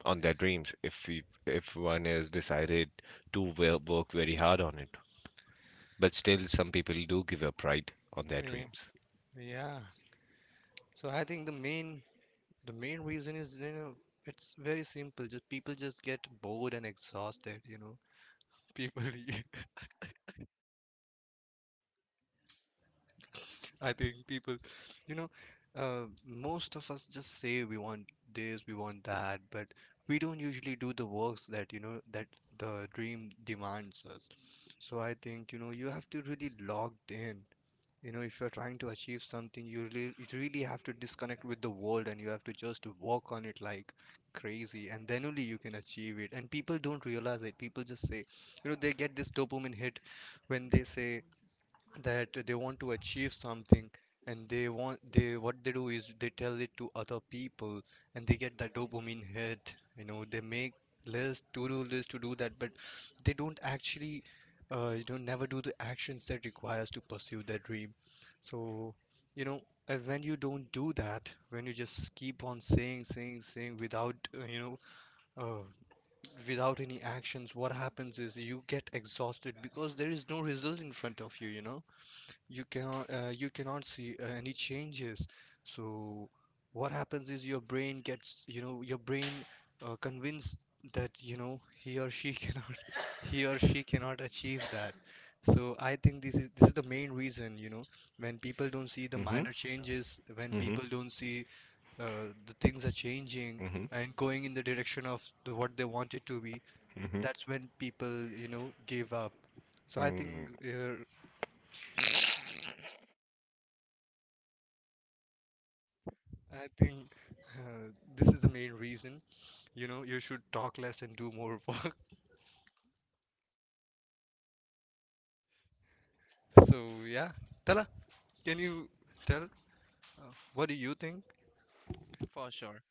Speaker 1: on their dreams if one has decided to work very hard on it? But still some people do give up, right, on their
Speaker 2: yeah,
Speaker 1: dreams.
Speaker 2: yeah. So I think the main reason is, you know, it's very simple. Just people just get bored and exhausted, you know. People I think people, you know, most of us just say we want this, we want that, but we don't usually do the works that, you know, that the dream demands us. So I think, you know, you have to really logged in. You know, if you're trying to achieve something, you really have to disconnect with the world and you have to just work on it like crazy, and then only you can achieve it. And people don't realize it. People just say, you know, they get this dopamine hit when they say that they want to achieve something, and they what they do is they tell it to other people, and they get that dopamine hit, you know. They make list to do that, but they don't actually you know never do the actions that requires to pursue their dream. So, you know, and when you don't do that, when you just keep on saying saying saying without you know uh, without any actions, what happens is you get exhausted because there is no result in front of you, you know. You cannot you cannot see any changes. So what happens is your brain gets, you know, your brain convinced that, you know, he or she cannot, he or she cannot achieve that. So I think this is the main reason, you know, when people don't see the
Speaker 1: hmm
Speaker 2: minor changes, when
Speaker 1: hmm
Speaker 2: people don't see the things are changing
Speaker 1: hmm
Speaker 2: and going in the direction of the, what they want it to be.
Speaker 1: hmm
Speaker 2: That's when people, you know, give up. So I
Speaker 1: Mm.
Speaker 2: think I think this is the main reason. You know, you should talk less and do more work. So yeah, Tala, can you tell what do you think?
Speaker 3: for sure.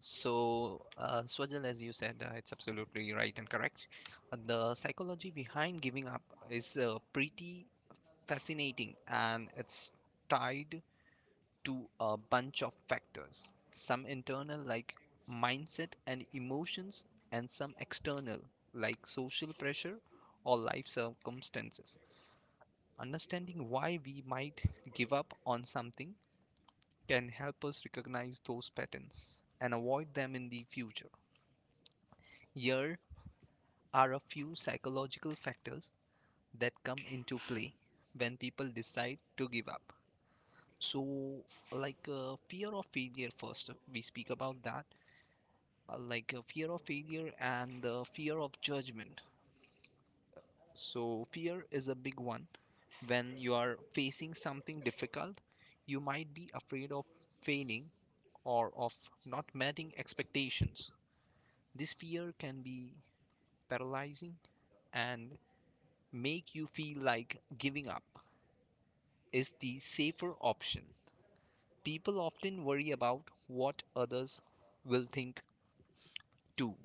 Speaker 3: So, Swajal, as you said, it's absolutely right and correct. The psychology behind giving up is pretty fascinating and it's tied to a bunch of factors, some internal, like mindset and emotions, and some external, like social pressure or life circumstances. Understanding why we might give up on something can help us recognize those patterns and avoid them in the future. Here are a few psychological factors that come into play when people decide to give up. So, fear of failure, first we speak about that, fear of failure and the fear of judgment. So, fear is a big one. When you are facing something difficult, you might be afraid of failing or of not meeting expectations. This fear can be paralyzing and make you feel like giving up is the safer option. People often worry about what others will think too.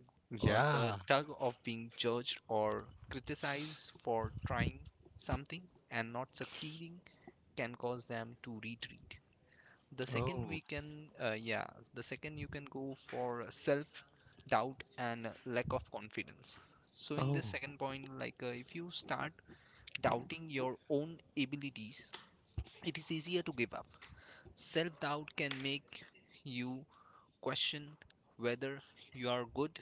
Speaker 3: The
Speaker 2: Yeah.
Speaker 3: tug of being judged or criticized for trying something and not succeeding can cause them to retreat. The second
Speaker 2: Oh.
Speaker 3: we can, uh, yeah, the second you can go for self doubt and lack of confidence. So, in
Speaker 2: Oh.
Speaker 3: this second point, if you start doubting your own abilities, it is easier to give up. Self doubt can make you question whether you are good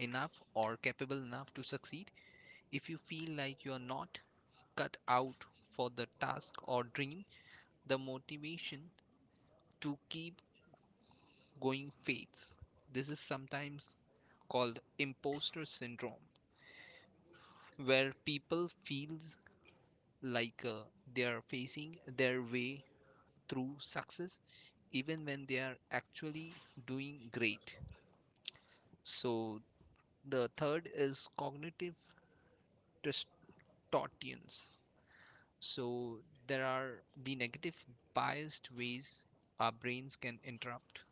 Speaker 3: enough or capable enough to succeed. If you feel like you are not cut out for the task or dream, the motivation to keep going fades. This is sometimes called imposter syndrome, where people feel like uh, they are facing their way through success even when they are actually doing great. So the third is cognitive distortions. So there are the negative biased ways our brains can interrupt,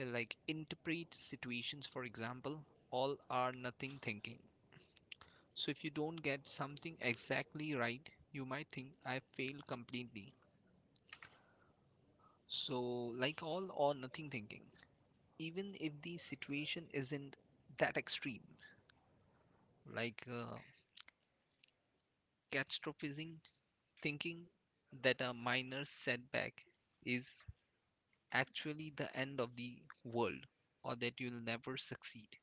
Speaker 3: interpret situations, for example, all or nothing thinking. So if you don't get something exactly right, you might think I failed completely. So like all or nothing thinking, even if the situation isn't that extreme, like uh, catastrophizing, thinking that a minor setback is actually the end of the world or that you'll never succeed.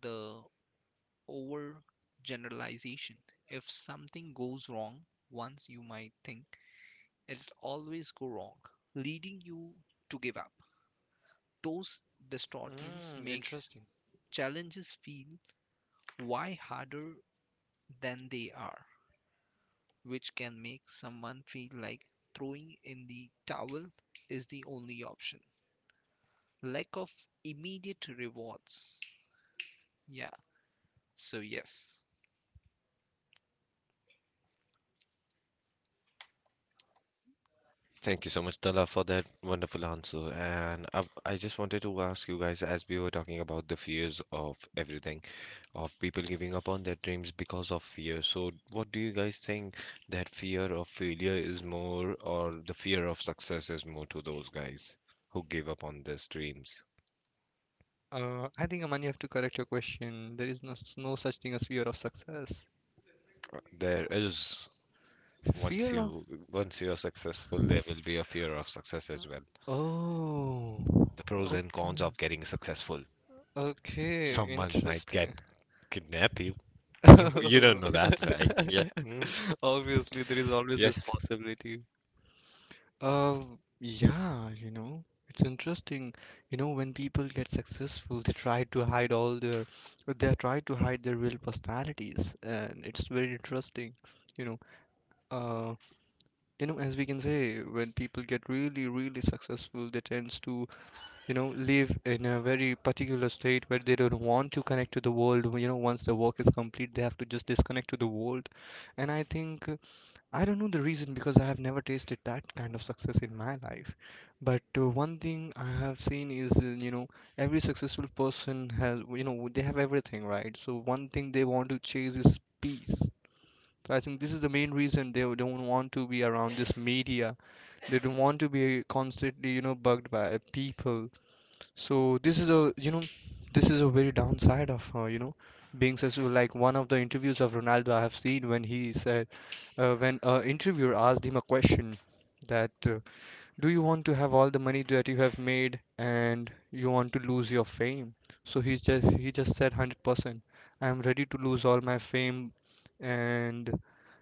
Speaker 3: The overgeneralization. If something goes wrong once, you might think it'll always go wrong, leading you to give up. Those distortions
Speaker 2: Mm,
Speaker 3: make
Speaker 2: interesting.
Speaker 3: challenges feel why harder than they are, which can make someone feel like throwing in the towel is the only option. Lack of immediate rewards. Yeah, so yes.
Speaker 1: Thank you so much, Tala, for that wonderful answer. And I just wanted to ask you guys, as we were talking about the fears of everything, of people giving up on their dreams because of fear. So, what do you guys think that fear of failure is more, or the fear of success is more to those guys who give up on their dreams?
Speaker 2: I think, Aman, you have to correct your question. There is no, no such thing as fear of success.
Speaker 1: There is Once
Speaker 2: Fear of.
Speaker 1: you once you are successful, there will be a fear of success as well.
Speaker 2: Oh.
Speaker 1: The pros and
Speaker 2: Okay.
Speaker 1: cons of getting successful.
Speaker 2: Okay.
Speaker 1: Someone might get
Speaker 2: Interesting.
Speaker 1: kidnap you. You don't know that, right? Yeah. Mm.
Speaker 2: Obviously, there is always this
Speaker 1: Yes.
Speaker 2: possibility. Uh, yeah, you know, it's interesting. You know, when people get successful, they try to hide all their, they try to hide their real personalities, and it's very interesting. You know, uh, you know, as we can say, when people get really, really successful, they tends to, you know, live in a very particular state where they don't want to connect to the world. You know, once the work is complete, they have to just disconnect to the world, and I think. I don't know the reason because I have never tasted that kind of success in my life. But one thing I have seen is, you know, every successful person has, you know, they have everything, right? So one thing they want to chase is peace. So I think this is the main reason they don't want to be around this media. They don't want to be constantly, you know, bugged by people. So this is a, you know, this is a very downside of you know being successful. Like one of the interviews of Ronaldo I have seen when he said when a interviewer asked him a question that do you want to have all the money that you have made and you want to lose your fame? So he just said 100%. I am ready to lose all my fame, and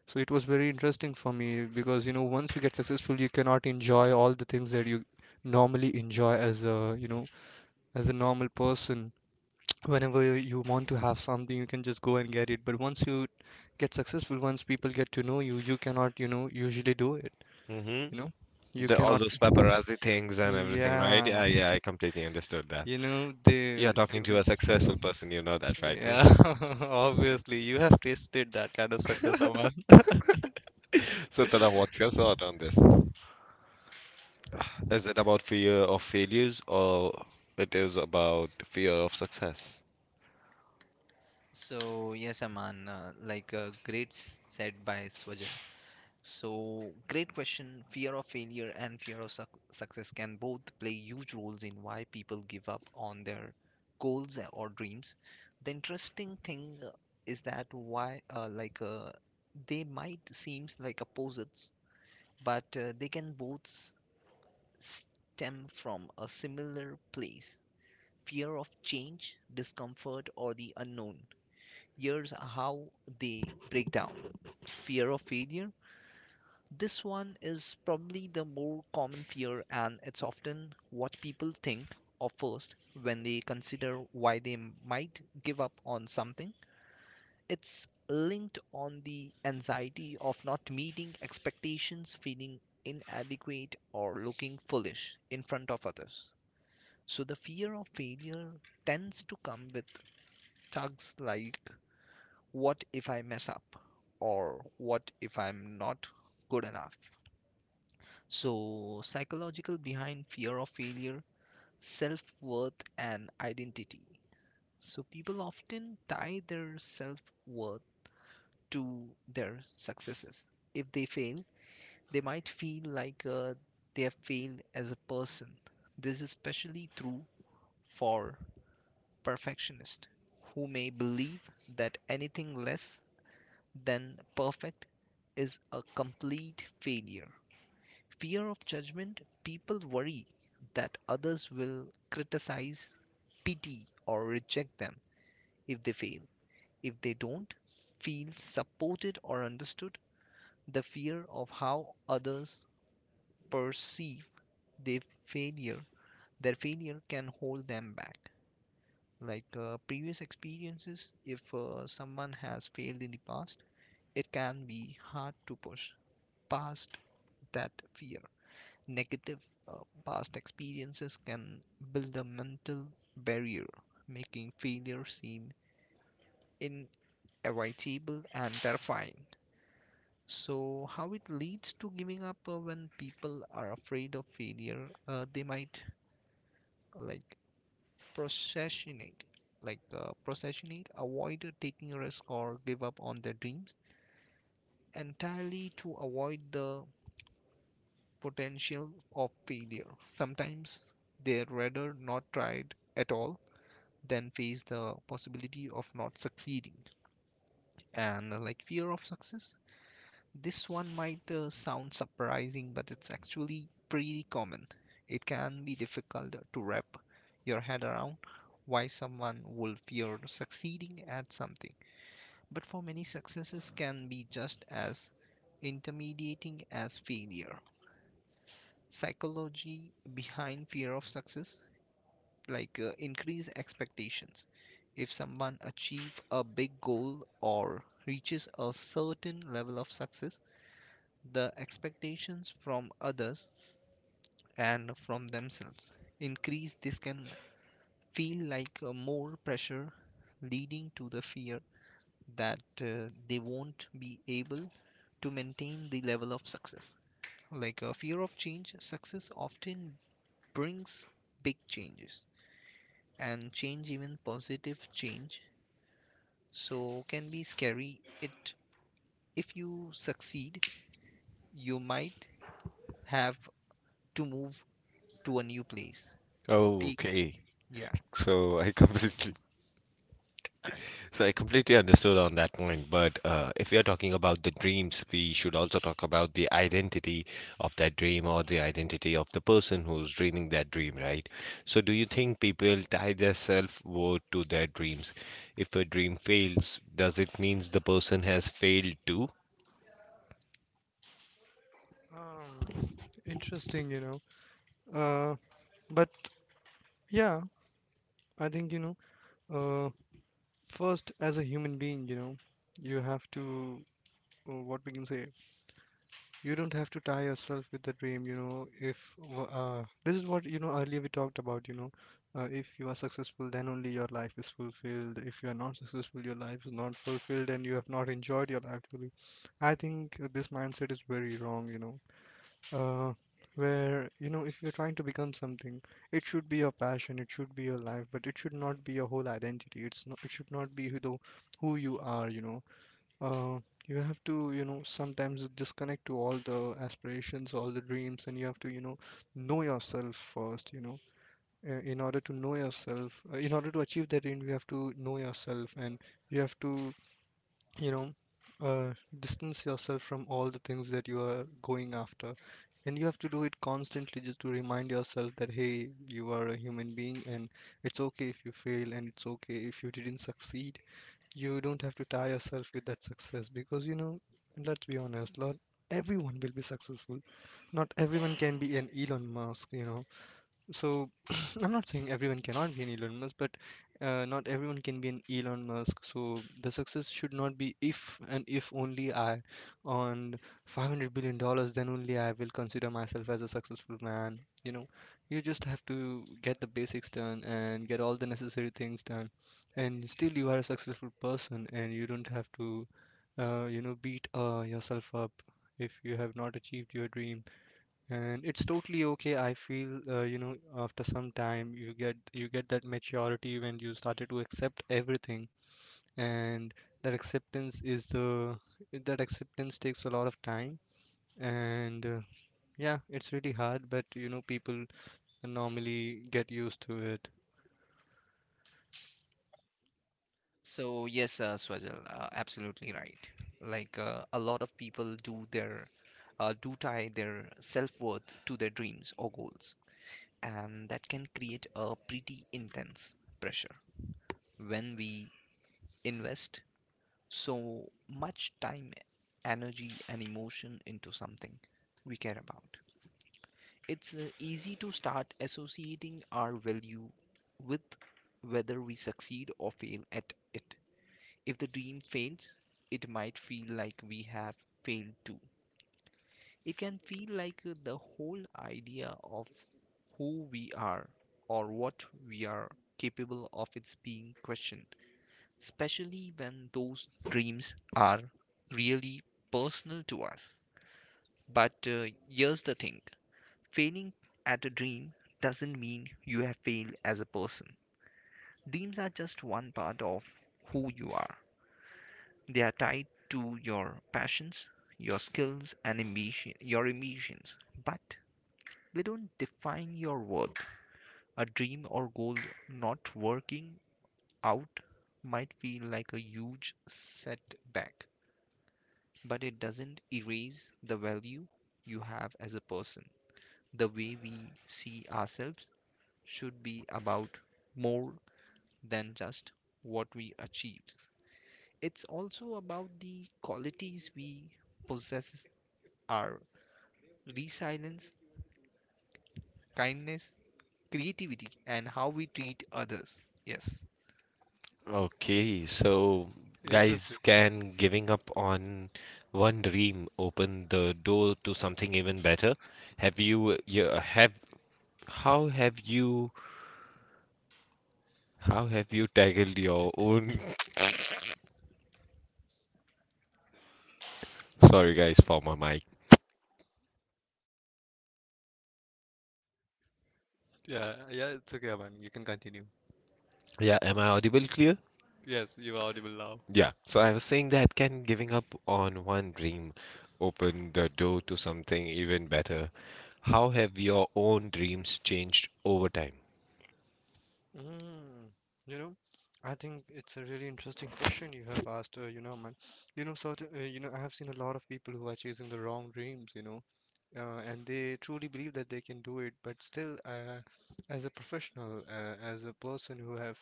Speaker 2: so it was very interesting for me because, you know, once you get successful, you cannot enjoy all the things that you normally enjoy as a, you know, as a normal person. Whenever you want to have something, you can just go and get it. But once you get successful, once people get to know you, you cannot, you know, usually do it,
Speaker 1: Mm-hmm.
Speaker 2: you know. You
Speaker 1: The all those
Speaker 2: cannot,
Speaker 1: paparazzi things and everything, right?
Speaker 2: yeah,
Speaker 1: Yeah, yeah, I completely understood that.
Speaker 2: you know, they
Speaker 1: You're
Speaker 2: they
Speaker 1: talking to
Speaker 2: will
Speaker 1: a successful person, you know that, right?
Speaker 2: yeah. Obviously you have tasted that kind of success, Aman.
Speaker 1: So, Tala, what's your thought on this? Is it about fear of failures or it is about fear of success?
Speaker 3: So, yes, Aman, great said by Swajan. So, great question. Fear of failure and fear of success can both play huge roles in why people give up on their goals or dreams. The interesting thing is that why, they might seems like opposites, but they can both stem from a similar place, fear of change, discomfort, or the unknown. Here's how they break down fear of failure. This one is probably the more common fear, and it's often what people think of first when they consider why they might give up on something. It's linked on the anxiety of not meeting expectations, feeling inadequate, or looking foolish in front of others. So the fear of failure tends to come with tugs like, what if I mess up? Or what if I'm not good enough? So, psychological behind fear of failure, self worth, and identity. So, people often tie their self worth to their successes. If they fail, they might feel they have failed as a person. This is especially true for perfectionists who may believe that anything less than perfect is a complete failure. Fear of judgment, people worry that others will criticize, pity, or reject them if they fail. If they don't feel supported or understood, the fear of how others perceive their failure their failure can hold them back. Previous experiences, if someone has failed in the past, it can be hard to push past that fear. Negative uh, past experiences can build a mental barrier, making failure seem inevitable and terrifying. So, how it leads to giving up, when people are afraid of failure, they might like procrastinate, like procrastinate, avoid taking a risk or give up on their dreams entirely to avoid the potential of failure. Sometimes they rather not try it at all than face the possibility of not succeeding. And like Fear of success. This one might sound surprising, but it's actually pretty common. It can be difficult to wrap your head around why someone would fear succeeding at something. But for many, successes can be just as intimidating as failure. Psychology behind fear of success, increased expectations. If someone achieves a big goal or reaches a certain level of success, the expectations from others and from themselves increase. This can feel more pressure, leading to the fear that they won't be able to maintain the level of success. Like a fear of change, success often brings big changes, and change, even positive change, so can be scary. It If you succeed, you might have to move to a new place, take.
Speaker 1: Okay.
Speaker 3: Yeah.
Speaker 1: So I completely So I completely understood on that point, but if we are talking about the dreams, we should also talk about the identity of that dream or the identity of the person who's dreaming that dream, right? So do you think people tie their self-worth to their dreams? If a dream fails, does it mean the person has failed too?
Speaker 2: Um, Interesting, you know. Uh, but yeah, I think, you know, uh, first as a human being, you know, you have to, what we can say, you don't have to tie yourself with the dream, you know. If this is what, you know, earlier we talked about, you know, if you are successful, then only your life is fulfilled. If you are not successful, your life is not fulfilled, and you have not enjoyed your life fully. I think this mindset is very wrong, you know. Uh, where, you know, if you're trying to become something, it should be your passion, it should be your life, but it should not be your whole identity. It's not, it should not be who the who you are, you know. Uh, you have to, you know, sometimes disconnect to all the aspirations, all the dreams, and you have to, you know yourself first, you know. In order to know yourself, in order to achieve that dream, you have to know yourself, and you have to, you know, uh, distance yourself from all the things that you are going after. And you have to do it constantly just to remind yourself that, hey, you are a human being, and it's okay if you fail, and it's okay if you didn't succeed. You don't have to tie yourself with that success because, you know, let's be honest, not everyone will be successful. Not everyone can be an Elon Musk, you know. So I'm not saying everyone cannot be an Elon Musk, but not everyone can be an Elon Musk. So the success should not be if and if only I on $500 billion, then only I will consider myself as a successful man. You know, you just have to get the basics done and get all the necessary things done, and still you are a successful person, and you don't have to, you know, beat yourself up if you have not achieved your dreams. And it's totally okay. I feel you know after some time you get that maturity when you started to accept everything. And that acceptance is the that acceptance takes a lot of time, and yeah, it's really hard, but you know, people normally get used to it.
Speaker 3: So yes, Swajal, absolutely right. A lot of people do their do tie their self-worth to their dreams or goals, and that can create a pretty intense pressure when we invest so much time, energy, and emotion into something we care about. It's easy to start associating our value with whether we succeed or fail at it. If the dream fails, it might feel like we have failed too. It can feel the whole idea of who we are or what we are capable of is being questioned, especially when those dreams are really personal to us. But here's the thing, failing at a dream doesn't mean you have failed as a person. Dreams are just one part of who you are. They are tied to your passions, your skills, and ambition, your ambitions. But they don't define your worth. A dream or goal not working out might feel like a huge setback, but it doesn't erase the value you have as a person. The way we see ourselves should be about more than just what we achieve. It's also about the qualities we possess are resilience, kindness, creativity, and how we treat others. Yes.
Speaker 1: Okay, so
Speaker 2: Interesting.
Speaker 1: guys, can giving up on one dream open the door to something even better? Have you, you have, how have you? How have you tackled your own? Sorry, guys, for my mic.
Speaker 2: Yeah, yeah, it's okay, man. You can continue.
Speaker 1: Yeah, am I audible clear?
Speaker 2: Yes, you're audible now.
Speaker 1: Yeah, so I was saying that can giving up on one dream open the door to something even better? How have your own dreams changed over time?
Speaker 2: Mm, you know, I think it's a really interesting question you have asked. You know, man, you know, certain, you know, I have seen a lot of people who are chasing the wrong dreams. You know, and they truly believe that they can do it, but still, as a professional, as a person who have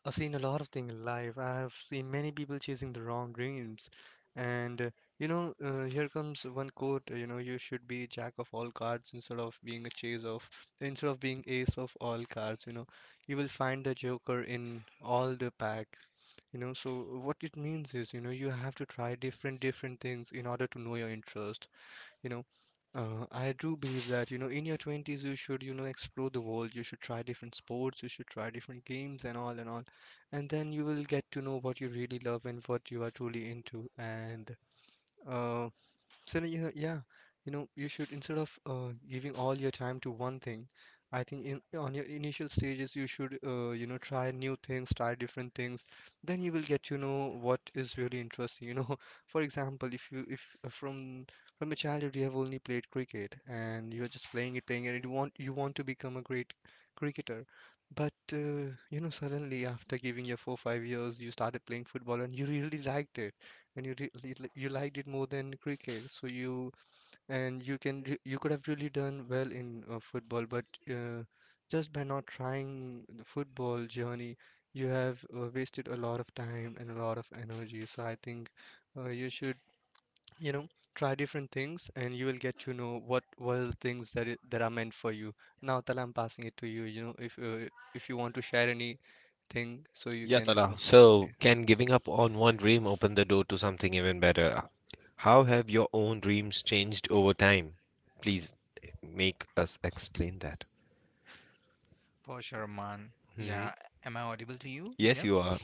Speaker 2: I've seen a lot of things in life. I have seen many people chasing the wrong dreams. And you know, here comes one quote, you know, you should be jack of all cards instead of being a chase of, instead of being ace of all cards, you know. You will find the joker in all the pack, you know. So what it means is, you know, you have to try different different things in order to know your interest, you know. I do believe that, you know, in your 20s, you should, you know, explore the world. You should try different sports, you should try different games and all and all. And then you will get to know what you really love and what you are truly into. And uh, so you know, yeah, you know, you should instead of giving all your time to one thing, I think in on your initial stages you should you know try new things, try different things. Then you will get to know what is really interesting. You know, for example, if you if from from a childhood you have only played cricket and you are just playing it, and you want to become a great cricketer, but you know suddenly after giving your 4-5 years you started playing football and you really liked it, and you liked it more than cricket. So you, and you could have really done well in football, but uh, just by not trying the football journey, you have wasted a lot of time and a lot of energy. So I think you should, you know, try different things, and you will get to know what were the things that are meant for you. Now, Tala, I'm passing it to you. You know, if you want to share anything, so you
Speaker 1: Yeah,
Speaker 2: can.
Speaker 1: Tala.
Speaker 2: Okay.
Speaker 1: So, can giving up on one dream open the door to something even better? How have your own dreams changed over time? Please make us explain that.
Speaker 3: For sure, man.
Speaker 1: hmm
Speaker 3: Yeah. Am I audible to you?
Speaker 1: Yes,
Speaker 3: Yep.
Speaker 1: you are.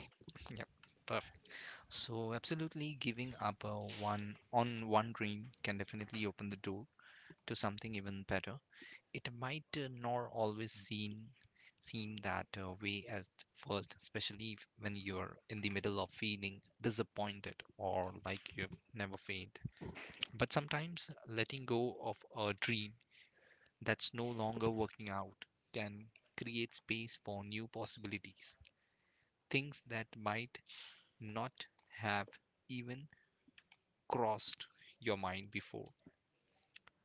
Speaker 3: Yep. Perfect. So, absolutely giving up one on one dream can definitely open the door to something even better. It might not always seem that way at first, especially when you're in the middle of feeling disappointed or like you've never failed. But sometimes letting go of a dream that's no longer working out can create space for new possibilities, things that might not have even crossed your mind before.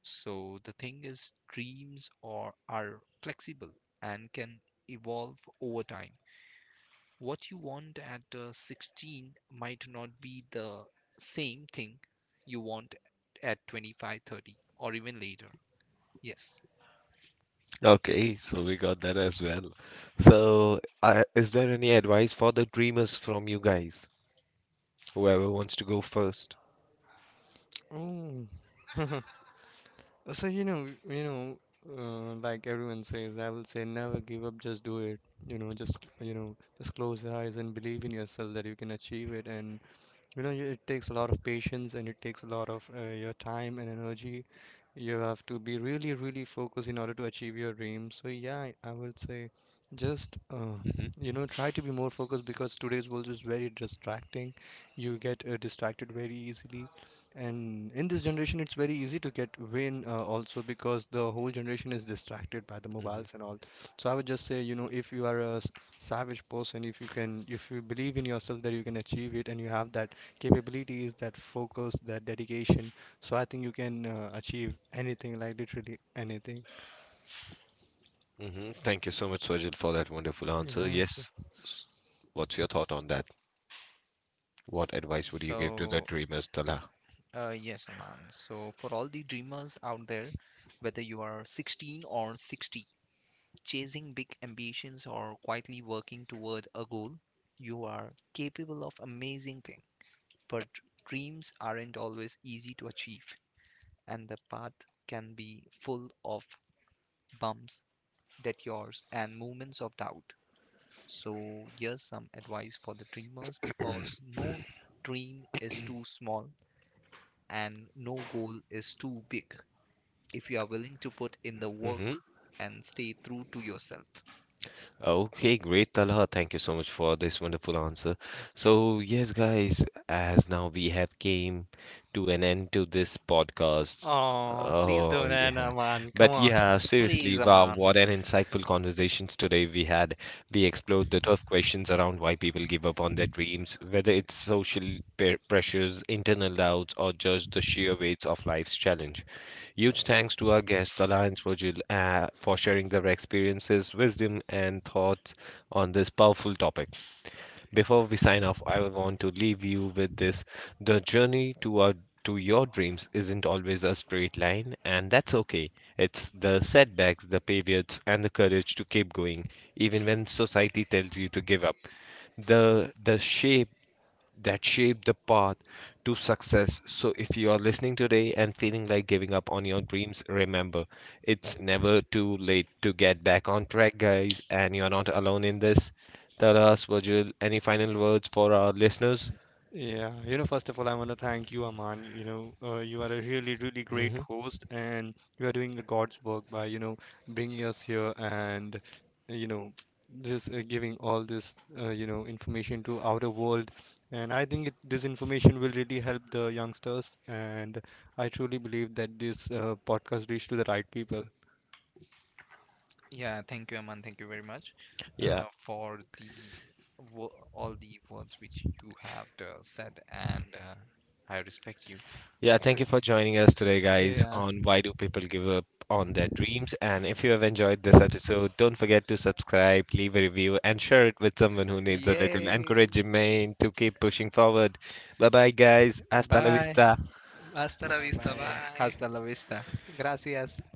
Speaker 3: So the thing is, dreams are flexible and can evolve over time. What you want at 16 might not be the same thing you want at 25, 30, or even later. Yes.
Speaker 1: Okay, so we got that as well. So, is there any advice for the dreamers from you guys? Whoever wants to go first.
Speaker 2: Oh. So you know, like everyone says, I will say never give up, just do it. You know, just close your eyes and believe in yourself that you can achieve it. And you know, it takes a lot of patience and it takes a lot of your time and energy. You have to be really, really focused in order to achieve your dreams. So yeah, I would say just
Speaker 1: Mm-hmm,
Speaker 2: you know try to be more focused because today's world is very distracting. You get distracted very easily, and in this generation, it's very easy to get vain also because the whole generation is distracted by the
Speaker 1: mm-hmm,
Speaker 2: mobiles and all. So I would just say, you know, if you are a savage person, if you can, if you believe in yourself that you can achieve it and you have that capabilities, that focus, that dedication, so I think you can achieve anything, like literally anything.
Speaker 1: mm-hmm. Thank you so much, Swajil, for that wonderful answer.
Speaker 2: Yeah. So.
Speaker 1: Yes, s- what's your thought on that? What advice would you give to the
Speaker 3: So,
Speaker 1: dreamers, Tala?
Speaker 3: yes, Aman. So, for all the dreamers out there, whether you are 16 or 60, chasing big ambitions or quietly working toward a goal, you are capable of amazing things. But dreams aren't always easy to achieve, and the path can be full of bumps, detours, and moments of doubt. So, here's some advice for the dreamers because no dream is too small and no goal is too big if you are willing to put in the work and stay true to yourself.
Speaker 1: Okay, great, Talha. Thank you so much for this wonderful answer. So, yes, guys, as now we have came to an end to this podcast.
Speaker 2: Oh, please
Speaker 1: Oh,
Speaker 2: don't end,
Speaker 1: yeah.
Speaker 2: Aman. Come
Speaker 1: But
Speaker 2: on.
Speaker 1: yeah,
Speaker 3: Please,
Speaker 1: seriously, wow,
Speaker 3: Aman.
Speaker 1: what an insightful conversations today we had. We explored the tough questions around why people give up on their dreams, whether it's social pressures, internal doubts, or just the sheer weights of life's challenges. Huge thanks to our guests, Alliance for sharing their experiences, wisdom, and thoughts on this powerful topic. Before we sign off, I would want to leave you with this. The journey to our to your dreams isn't always a straight line, and that's okay. It's the setbacks, the pivots, and the courage to keep going, even when society tells you to give up the shape the path to success. So, if you are listening today and feeling like giving up on your dreams, remember it's never too late to get back on track, guys, and you're not alone in this. Taras, Virgil, any final words for our listeners?
Speaker 2: Yeah, you know, first of all, I want to thank you, Aman. You know, you are a really, really great
Speaker 1: hmm
Speaker 2: host, and you are doing a God's work by, you know, bringing us here, and, you know, just giving all this, you know, information to outer world. And I think it, this information will really help the youngsters, and I truly believe that this podcast reached to the right people.
Speaker 3: Yeah, thank you, Aman. Thank you very much
Speaker 1: Yeah.
Speaker 2: Yes.
Speaker 3: for the all the words which you have said, and I respect you.
Speaker 1: Yeah, thank you
Speaker 3: And
Speaker 1: for joining us today, guys,
Speaker 2: Yeah.
Speaker 1: on Why Do People Give Up on Their Dreams? And if you have enjoyed this episode, don't forget to subscribe, leave a review, and share it with someone who needs a little
Speaker 2: Yay.
Speaker 1: encouragement to keep pushing forward. Bye bye, guys. Hasta la
Speaker 2: Bye.
Speaker 1: vista.
Speaker 2: Hasta la
Speaker 3: bye
Speaker 2: vista.
Speaker 3: bye.
Speaker 2: Bye.
Speaker 3: Hasta la vista.
Speaker 2: Gracias.